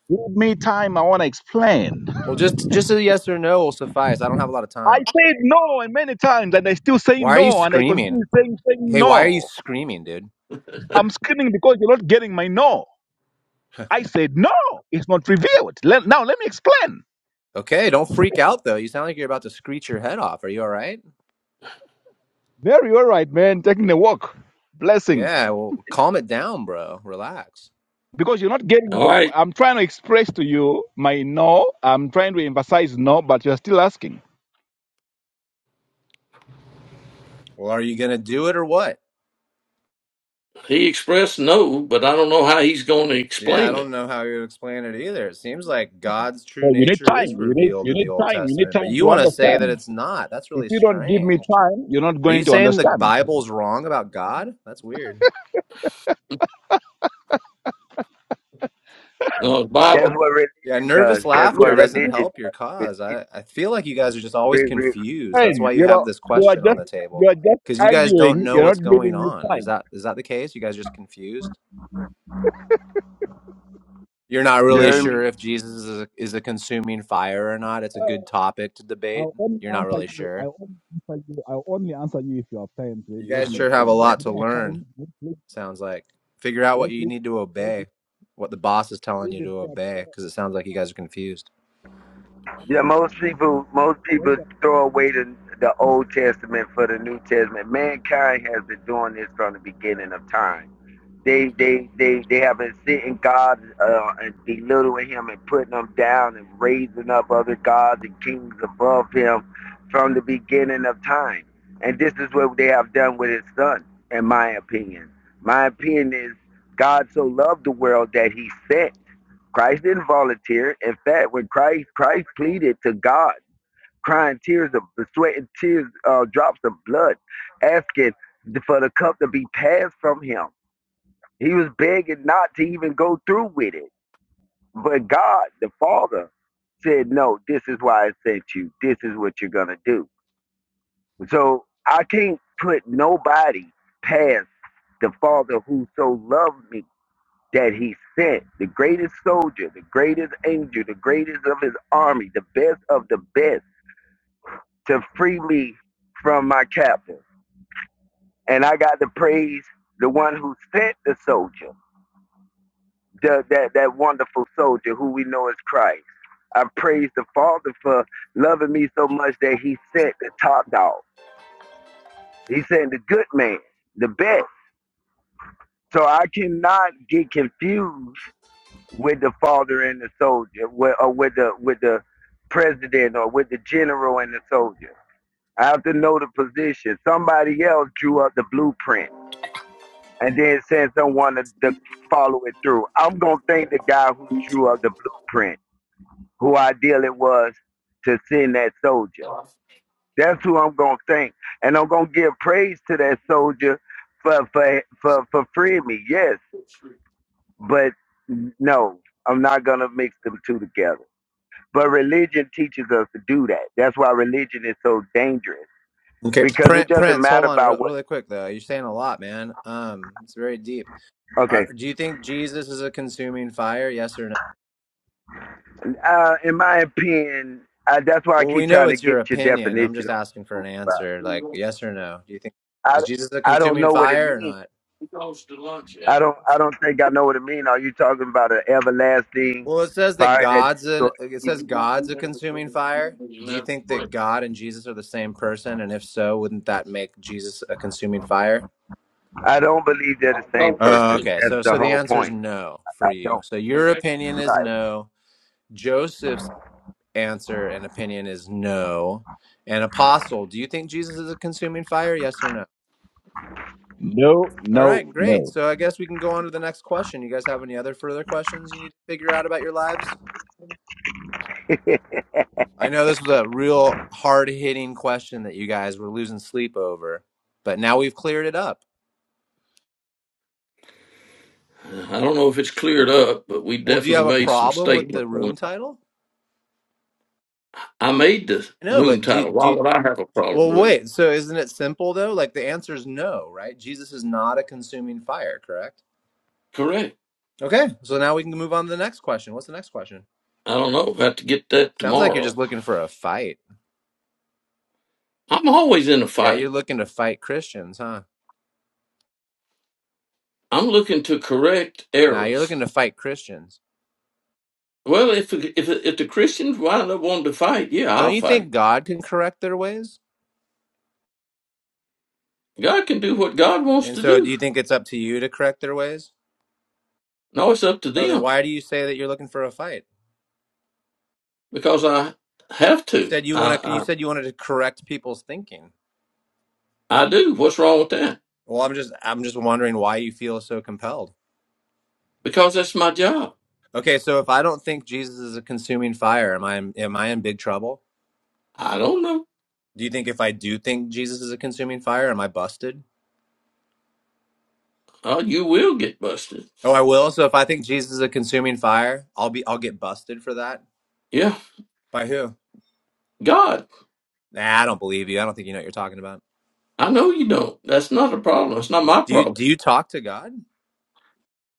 C: Give me time. I want to explain.
D: Well, just just a yes or no will suffice. I don't have a lot of
C: I
D: time.
C: said no and many times, and I still say
D: Why are you
C: no, and I continue
D: screaming?
C: saying saying
D: Hey, why are you
C: no.
D: screaming, dude?
C: I'm screaming because you're not getting my no. I said no. It's not revealed. Let, now let me explain.
D: Okay, don't freak out though. You sound like you're about to screech your head off. Are you all right?
C: Very all right, man. Taking a walk. Blessings.
D: Yeah, well, calm it down, bro. Relax.
C: Because you're not getting my
A: All right.
C: I'm trying to express to you my no. I'm trying to emphasize no, but you're still asking.
D: Well, are you going to do it or what?
A: He expressed no, but I don't know how he's going to
D: Yeah, I
A: explain
D: don't
A: it.
D: know how you explain it either. It seems like God's true
C: So you need
D: nature is
C: time. You need
D: revealed
C: you
D: in the
C: need
D: Old
C: time. You need
D: Testament, but
C: time
D: you
C: to
D: want to say that
C: understand.
D: it's not. That's
C: If
D: really
C: you don't give me
D: strange.
C: time, you're not
D: Are you
C: going to
D: saying the
C: understand.
D: Bible's wrong about God? That's weird.
A: No, the
E: That's
A: Bible.
E: what
D: Yeah,
E: religion does.
D: nervous
E: That's
C: You
E: what
D: laughter
C: are not
D: doesn't
C: giving me
E: religion
D: help your
E: does.
D: cause. I, I feel like you guys are just always
E: Re- re- re-
D: confused. That's
C: time.
D: why you
C: You know
D: have this
C: you are
D: question on
C: just
D: the table.
C: you are just
D: Because you guys don't
C: arguing,
D: know
C: you're not
D: what's going
C: giving me
D: on. Is
C: time.
D: that is that the case? You guys are just confused? You're not
E: you
D: really
E: heard
D: sure
E: me?
D: if Jesus is a, is a consuming fire or not. It's a
C: Uh,
D: good topic to debate.
C: I'll only
D: You're not
C: answer
D: really
C: you.
D: sure.
C: I'll only answer you. I'll only answer you if you have time. To let,
D: You guys
C: me
D: sure have a
C: explain. If
D: lot
C: you
D: to
C: don't have
D: learn,
C: time, let's leave.
D: sounds like. Figure out what
C: Let's
D: you
C: leave.
D: need to
C: Let's leave
D: obey, what the boss is telling
C: leave
D: you
C: it
D: to
C: there, bro,
D: obey, because
C: to
D: it sounds like you guys are confused.
E: Yeah, most
C: understand.
E: people most
C: You
E: people throw
C: understand?
E: away the the Old Testament for the New Testament. Mankind has been doing this from the beginning of time. They they they they have been sitting God uh, and belittling Him and putting Him down and raising up other gods and kings above Him from the beginning of time. And this is what they have done with His Son, in my opinion. My opinion is God so loved the world that He sent Christ didn't volunteer. In fact, when Christ Christ pleaded to God, crying tears of the sweat and tears, uh, drops of blood, asking for the cup to be passed from him. He was begging not to even go through with it. But God, the Father, said, No, this is why I sent you. This is what you're going to do. So I can't put nobody past the Father who so loved me that he sent the greatest soldier, the greatest angel, the greatest of his army, the best of the best to free me from my captor. And I got to praise the one who sent the soldier, the, that, that wonderful soldier who we know as Christ. I praise the Father for loving me so much that he sent the top dog. He sent the good man, the best. So I cannot get confused with the father and the soldier, with, or with the with the president, or with the general and the soldier. I have to know the position. Somebody else drew up the blueprint and then sent someone to, to follow it through. I'm gonna thank the guy who drew up the blueprint, who ideally was to send that soldier. That's who I'm gonna thank, and I'm gonna give praise to that soldier for for for for freeing me. Yes, but no, I'm not gonna mix them two together. But religion teaches us to do that. That's why religion is so dangerous
D: Okay,
E: because it
D: Prince,
E: doesn't
D: Prince, hold
E: matter
D: on re-
E: about what.
D: really quick though. You're saying a lot, man. Um, it's very deep. Are,
E: Okay,
D: do you think Jesus is a consuming fire? Yes or no?
E: uh, in my opinion, I, that's why I
D: Well, we
E: keep
D: know
E: trying to
D: it's your
E: get your
D: opinion. I'm
E: definition
D: just asking for
E: of
D: an
E: crucified.
D: answer, like
A: He
D: yes or no. Do you think
E: I
D: is Jesus a
E: I don't
D: consuming
E: know what it
D: fire or
E: means.
D: not?
A: goes to lunch at.
E: I don't I don't think I know what it means. Are you talking about an everlasting
D: Well, it says that
E: fire that
D: God's
E: destroys?
D: an it
A: So
E: people?
D: says
A: he won't be
D: God's a
A: there before
D: consuming fire.
A: the
D: Do you
A: eleven.
D: think
A: But
D: that God and Jesus are the same person? And if so, wouldn't that make Jesus a consuming fire?
E: I don't believe they're the
A: I'll
E: same
A: talk next
D: Oh,
A: week.
E: person.
D: okay.
E: That's
D: So,
E: the
D: so the
E: whole
D: answer is
E: point.
D: no for
E: I
D: you.
E: don't.
D: So your
A: right.
D: opinion is
E: Right.
D: no. Joseph's answer and opinion is no. And apostle, do you think Jesus is a consuming fire? Yes or no?
C: No,
D: All
C: no,
D: right, great.
C: no.
D: So I guess we can go on to the next question. You guys have any other further questions you need to figure out about your lives? I know this was a real hard hitting question that you guys were losing sleep over, but now we've cleared it up.
A: I don't know if it's cleared up, but we
D: Well, do you
A: definitely
D: have a
A: made some
D: problem with the
A: statements on
D: room
A: it.
D: title?
A: I made the
D: No,
A: room
D: but do
A: title. Why
D: do you-
A: would I have a
D: do-
A: problem
D: well
A: with it?
D: wait. So isn't it simple though? Like the answer is no, right? Jesus is not a consuming fire, correct?
A: Correct.
D: Okay, so now we can move on to the next question. What's the next question?
A: I don't know. Have to get that
D: Sounds like you're
A: tomorrow.
D: just looking for a fight.
A: I'm always in a
D: Yeah,
A: fight.
D: you're looking to fight Christians, huh?
A: I'm looking to correct
D: Now you're
A: errors.
D: looking to fight Christians.
A: Well, if if if the Christians wind up wanting to fight, yeah,
D: Don't
A: I'll
D: you
A: fight.
D: think God can correct their ways?
A: God can do what God wants
D: And
A: to
D: so do
A: do.
D: you think it's up to you to correct their ways?
A: No, it's up to
D: Oh, then
A: them
D: why do you say that you're looking for a fight?
A: because I have
D: You
A: to.
D: said you want to you
A: I
D: said you wanted to correct people's thinking.
A: I, I do. What's wrong with that?
D: Well, I'm just I'm just wondering why you feel so compelled.
A: because that's my job.
D: Okay, so if I don't think Jesus is a consuming fire, am I am I in big trouble?
A: I don't know.
D: Do you think if I do think Jesus is a consuming fire, am I busted?
A: Uh, you will get busted.
D: Oh, I will. So if I think Jesus is a consuming fire, I'll be I'll get busted for that.
A: Yeah,
D: By who?
A: God,
D: Nah, I don't believe you. I don't think you know what you're talking about.
A: I know you don't. That's not a problem. It's not my
D: Do you
A: problem.
D: do you talk to God?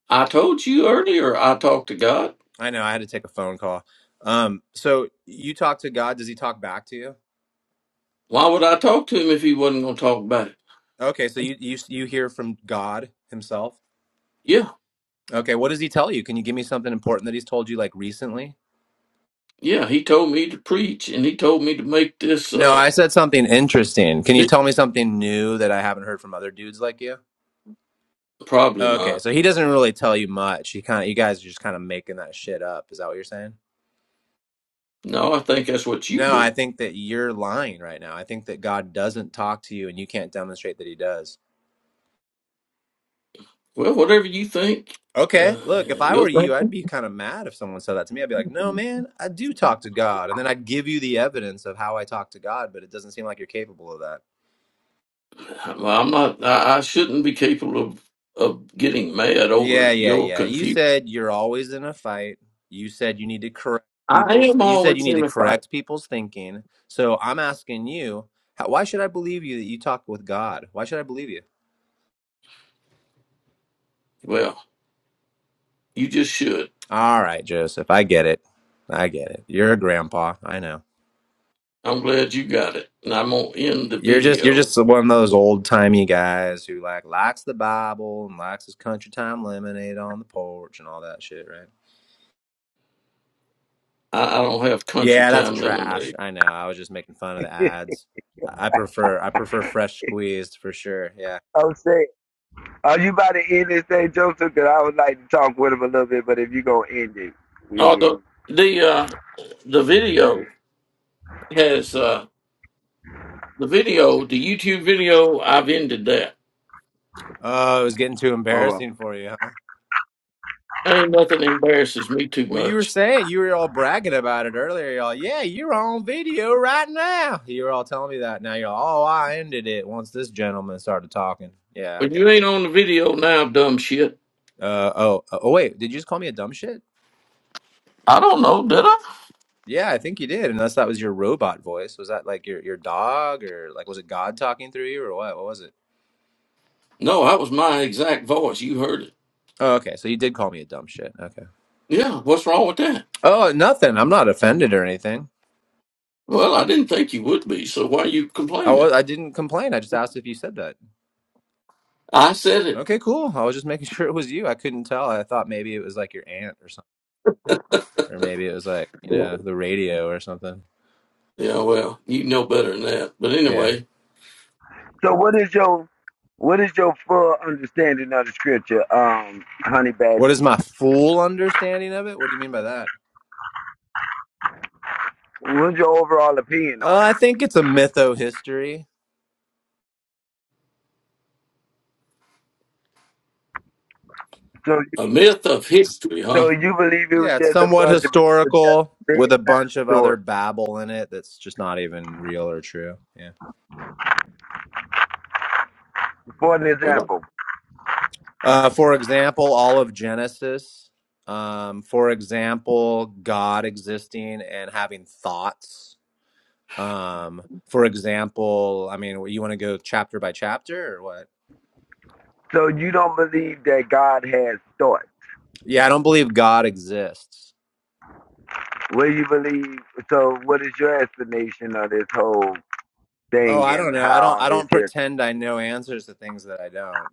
A: I told you earlier I talked to God.
D: I know I had to take a phone call. Um, so you talk to God, does he talk back to you?
A: Why would I talk to him if he wasn't going to talk about it?
D: Okay, so you you you hear from God himself.
A: Yeah,
D: Okay, what does he tell you? Can you give me something important that he's told you like recently?
A: yeah, he told me to preach and he told me to make this.
D: No,
A: Uh,
D: I said something interesting. Can you
A: it-
D: tell me something new that I haven't heard from other dudes like you?
A: probably
D: Okay,
A: not.
D: so he doesn't really tell you much. He kind of, you guys are just kind of making that shit up. Is that what you're saying?
A: No, I think that's what you
D: No, I
A: do.
D: think that you're lying right now. I think that God doesn't talk to you and you can't demonstrate that he does.
A: Well, whatever you think, uh,
D: Okay, look, if I were
A: you'll.
D: you, I'd be kind of mad if someone said that to me. I'd be like, "No, man, I do talk to God." And then I'd give you the evidence of how I talk to God, but it doesn't seem like you're capable of that.
A: Well, I'm not. I, I shouldn't be capable of of getting mad over
D: Yeah, yeah,
A: your
D: yeah. You
A: confusion.
D: said you're always in a fight. You said you need to correct
A: I
D: people's
A: am
D: you said you
A: always
D: need to
A: unified.
D: correct people's thinking. So I'm asking you, how, why should I believe you that you talk with God? Why should I believe you?
A: Well, you just should.
D: All right, Joseph, I get it. I get it. You're a grandpa. I know.
A: I'm glad you got it. And I'm gonna end the
D: You're just you're just
A: video.
D: one of those old timey guys who like likes the Bible and likes his country time lemonade on the porch and all that shit, right?
A: I, I don't have country
D: Yeah, that's
A: time
D: trash.
A: lemonade.
D: I know. I was just making fun of the ads. I I prefer I prefer fresh squeezed for sure. Yeah.
E: I'm saying. Are you about to end this thing, Joseph? Because I would like to talk with him a little bit, but if you're gonna end it, we
A: Oh
E: can.
A: the the uh the video has uh the video, the YouTube video, I've ended that.
D: Oh, it was getting too
E: All right.
D: embarrassing for you, huh?
A: Ain't nothing embarrasses me too
D: Well, you were
A: much.
D: saying you were all bragging about it earlier, y'all. Yeah, you're on video right now. You were all telling me that. Now you're all, oh, I ended it once this gentleman started talking. Yeah,
A: But
D: okay.
A: you ain't on the video now, dumb shit.
D: Uh oh uh, oh wait, did you just call me a dumb shit?
A: I don't know, did I?
D: Yeah, I think you did. Unless that was your robot voice. Was that like your your dog or like was it God talking through you or what? What was it?
A: No, that was my exact voice. You heard it.
D: Oh, okay. So you did call me a dumb shit. Okay.
A: Yeah, what's wrong with that?
D: Oh, nothing. I'm not offended or anything.
A: Well, I didn't think you would be, so why are you
D: I
A: complaining?
D: was, I didn't complain. I just asked if you said that.
A: I said it.
D: Okay, cool. I was just making sure it was you. I couldn't tell. I thought maybe it was like your aunt or something, or maybe it was like you know the radio or something.
A: Yeah, well, you know better than that. But
D: Yeah.
A: anyway,
E: So, what is your what is your full understanding of the scripture, um, Honey
D: What
E: Badger?
D: is my full understanding of it? What do you mean by that?
E: What's your overall opinion
D: Uh,
E: on
D: I
E: it?
D: think it's a mytho history.
E: So,
A: a
E: you,
A: myth of history, huh?
E: so you believe it was
D: Yeah, it's
E: just a
D: somewhat
E: bunch of people telling
D: historical with a
E: bedtime
D: bunch of other
E: stories?
D: babble in it that's just not even real or true. Yeah.
E: For an
A: Well,
E: example,
D: Uh, for example, all of Genesis. Um, for example, God existing and having thoughts. Um, for example, I mean, you want to go chapter by chapter or what?
E: so you don't believe that God has thought.
D: Yeah, I don't believe God exists.
E: What do you believe? So, what is your explanation of this whole
D: Oh,
E: thing
D: I don't
E: and
D: know. I
E: how
D: don't.
E: all
D: I
E: this
D: don't
E: here
D: pretend I know answers to things that I don't.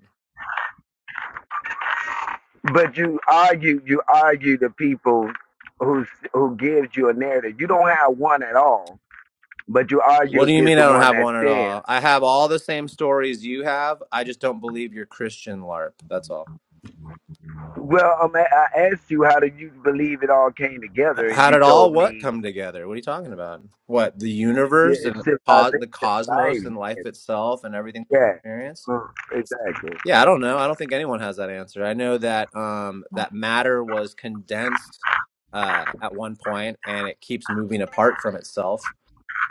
E: But you argue, you argue the people who who gives you a narrative. You don't have one at all, but you argue
D: What do you
E: against
D: mean I
E: the
D: don't
E: one
D: have
E: that
D: one at
E: stands.
D: all? I have all the same stories you have. I just don't believe you're Christian, LARP. That's all.
E: Well, um, I asked you how do you believe it all came together, and
D: How
E: you
D: did all
E: told
D: what
E: me
D: come together? What are you talking about? What the
E: that
D: universe and co- the
E: civilization,
D: cosmos
E: society.
D: and life itself and everything we
E: Yeah,
D: experience?
E: Mm, exactly.
D: Yeah, I don't know. I don't think anyone has that answer. I know that um, that matter was condensed uh, at one point, and it keeps moving apart from itself.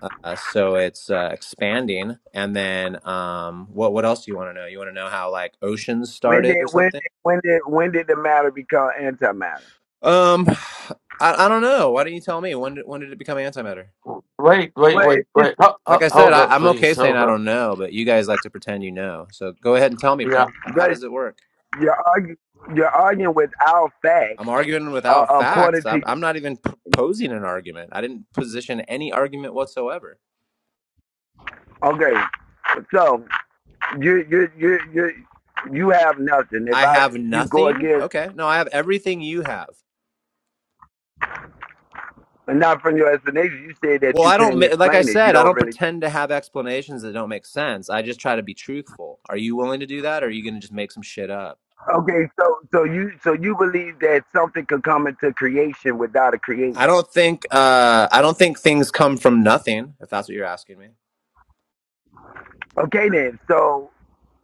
D: Uh, so it's uh, expanding, and then um, what? What else do you want to know? You want to know how like oceans
E: When
D: started
E: did
D: or
E: when did,
D: something?
E: when did when did the matter become antimatter?
D: Um, I, I don't know. Why don't you tell me? When did, when did it become antimatter?
A: Wait, wait,
E: Well,
A: wait,
E: it's just
A: wait. Ho-
D: Like
A: ho-
D: I said,
A: hold
D: I,
A: up,
D: I'm
A: please.
D: okay saying
A: Hold
D: I
A: up.
D: don't know, but you guys like to pretend you know. So go ahead and tell me,
A: Yeah.
D: Prince. How
E: but
D: does it work?
E: you're arguing you're arguing without
D: I'm
E: facts
D: arguing
E: uh,
D: without
E: according
D: facts.
E: to
D: I'm, I'm not even proposing an argument. I didn't position any argument whatsoever.
E: okay. So you you you you you have nothing. If
D: I
E: I
D: have
E: if you go
D: nothing.
E: against
D: Okay. No, I have everything you have.
E: not from your explanation, you said that
D: Well,
E: you
D: I don't,
E: can't
D: ma- like I
E: explain it. You
D: said, I
E: don't
D: don't
E: really
D: pretend to have explanations that don't make sense. I just try to be truthful. Are you willing to do that? Or are you going to just make some shit up?
E: Okay, so so you so you believe that something could come into creation without a
D: I
E: creator.
D: don't think, uh, I don't think things come from nothing, if that's what you're asking me.
E: Okay then, so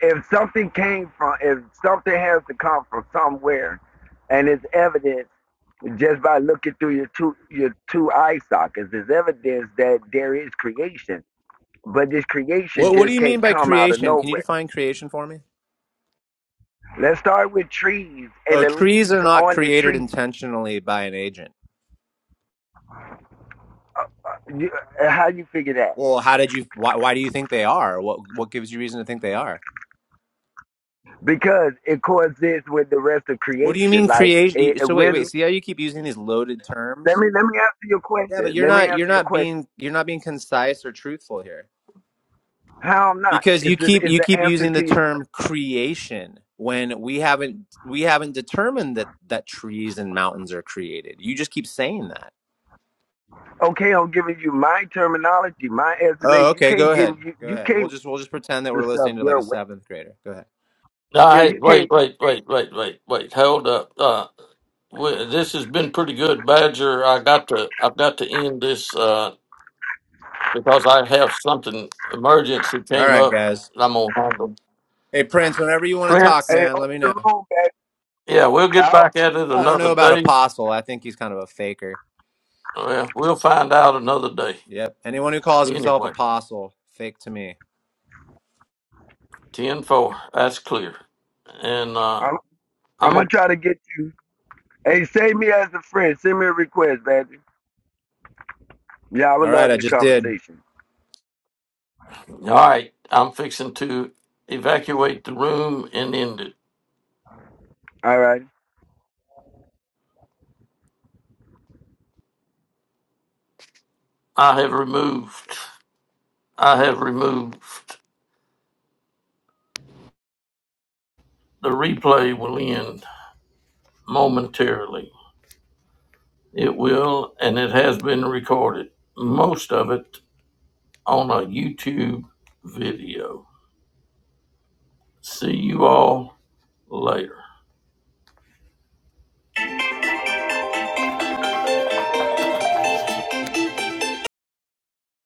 E: if something came from if something has to come from somewhere and it's evident just by looking through your two your two eye sockets, it's evidence that there is creation. But this creation
D: What What do
E: just
D: you mean
E: can't
D: by
E: come out of
D: creation? Can you
E: nowhere
D: define creation for me?
E: Let's start with trees and
D: Oh,
E: the
D: trees
E: leaves
D: are not
E: on the
D: created
E: trees.
D: intentionally by an agent.
E: Uh, uh, you- uh, How you figure that?
D: Well, how did you? Why, why do you think they are? What What gives you reason to think they are?
E: Because it coexists with the rest of
D: What do you
E: creation.
D: mean
E: Like, it,
D: creation?
E: it
D: So wait,
E: will-
D: wait. See how you keep using these loaded
E: let
D: terms?
E: me let me answer your
D: Yeah, but
E: question.
D: you're
E: Let me
D: not you're
E: answer your
D: not
E: question.
D: being you're not being concise or truthful here
E: How not?
D: because
E: Is
D: you
E: this
D: keep
E: is
D: you
E: the
D: keep
E: answer
D: using the
E: to your
D: term creation when we haven't we haven't determined that that trees and mountains are created. You just keep saying that.
E: okay? I'm giving you my terminology, my
D: Oh,
E: explanation. You
D: okay. Go
E: can't give
D: ahead.
E: you
D: Go
E: you
D: ahead. We'll
E: can't
D: just we'll just pretend that
E: do
D: we're
E: stuff
D: listening to like
E: your
D: a
E: way.
D: seventh grader. Go ahead.
E: Yeah,
A: I
E: you
A: wait,
E: can't.
A: wait, wait, wait, wait, wait. Hold up. Uh, we, this has been pretty good, Badger. I got to, I've got to end this uh, because I have something emergency
D: All
A: came
D: right,
A: up.
D: guys.
A: and I'm gonna handle
D: Hey, Prince. Whenever you want to talk,
A: Prince.
E: Hey,
D: man, let me
E: open
D: know.
E: the room, man.
A: Yeah, we'll get
E: i
A: back at it
D: I don't know
A: another
D: about
A: day.
D: Apostle. I think he's kind of a faker.
A: Well, we'll find out another day.
D: Yep. Anyone who calls himself
A: Anyway.
D: Apostle, fake to me.
A: Ten four. That's clear. And uh,
E: I'm, I'm
A: I'm
E: gonna
A: o-
E: try to get you. Hey, save me as a friend. Send me a request, man. Yeah, I would
D: All
E: love
D: right, I
E: this
D: just did.
E: conversation.
A: all right. I'm fixing to evacuate the room and end it.
E: All right.
A: I have removed. I have removed. The replay will end momentarily. It will, and it has been recorded. Most of it on a YouTube video. See you all later.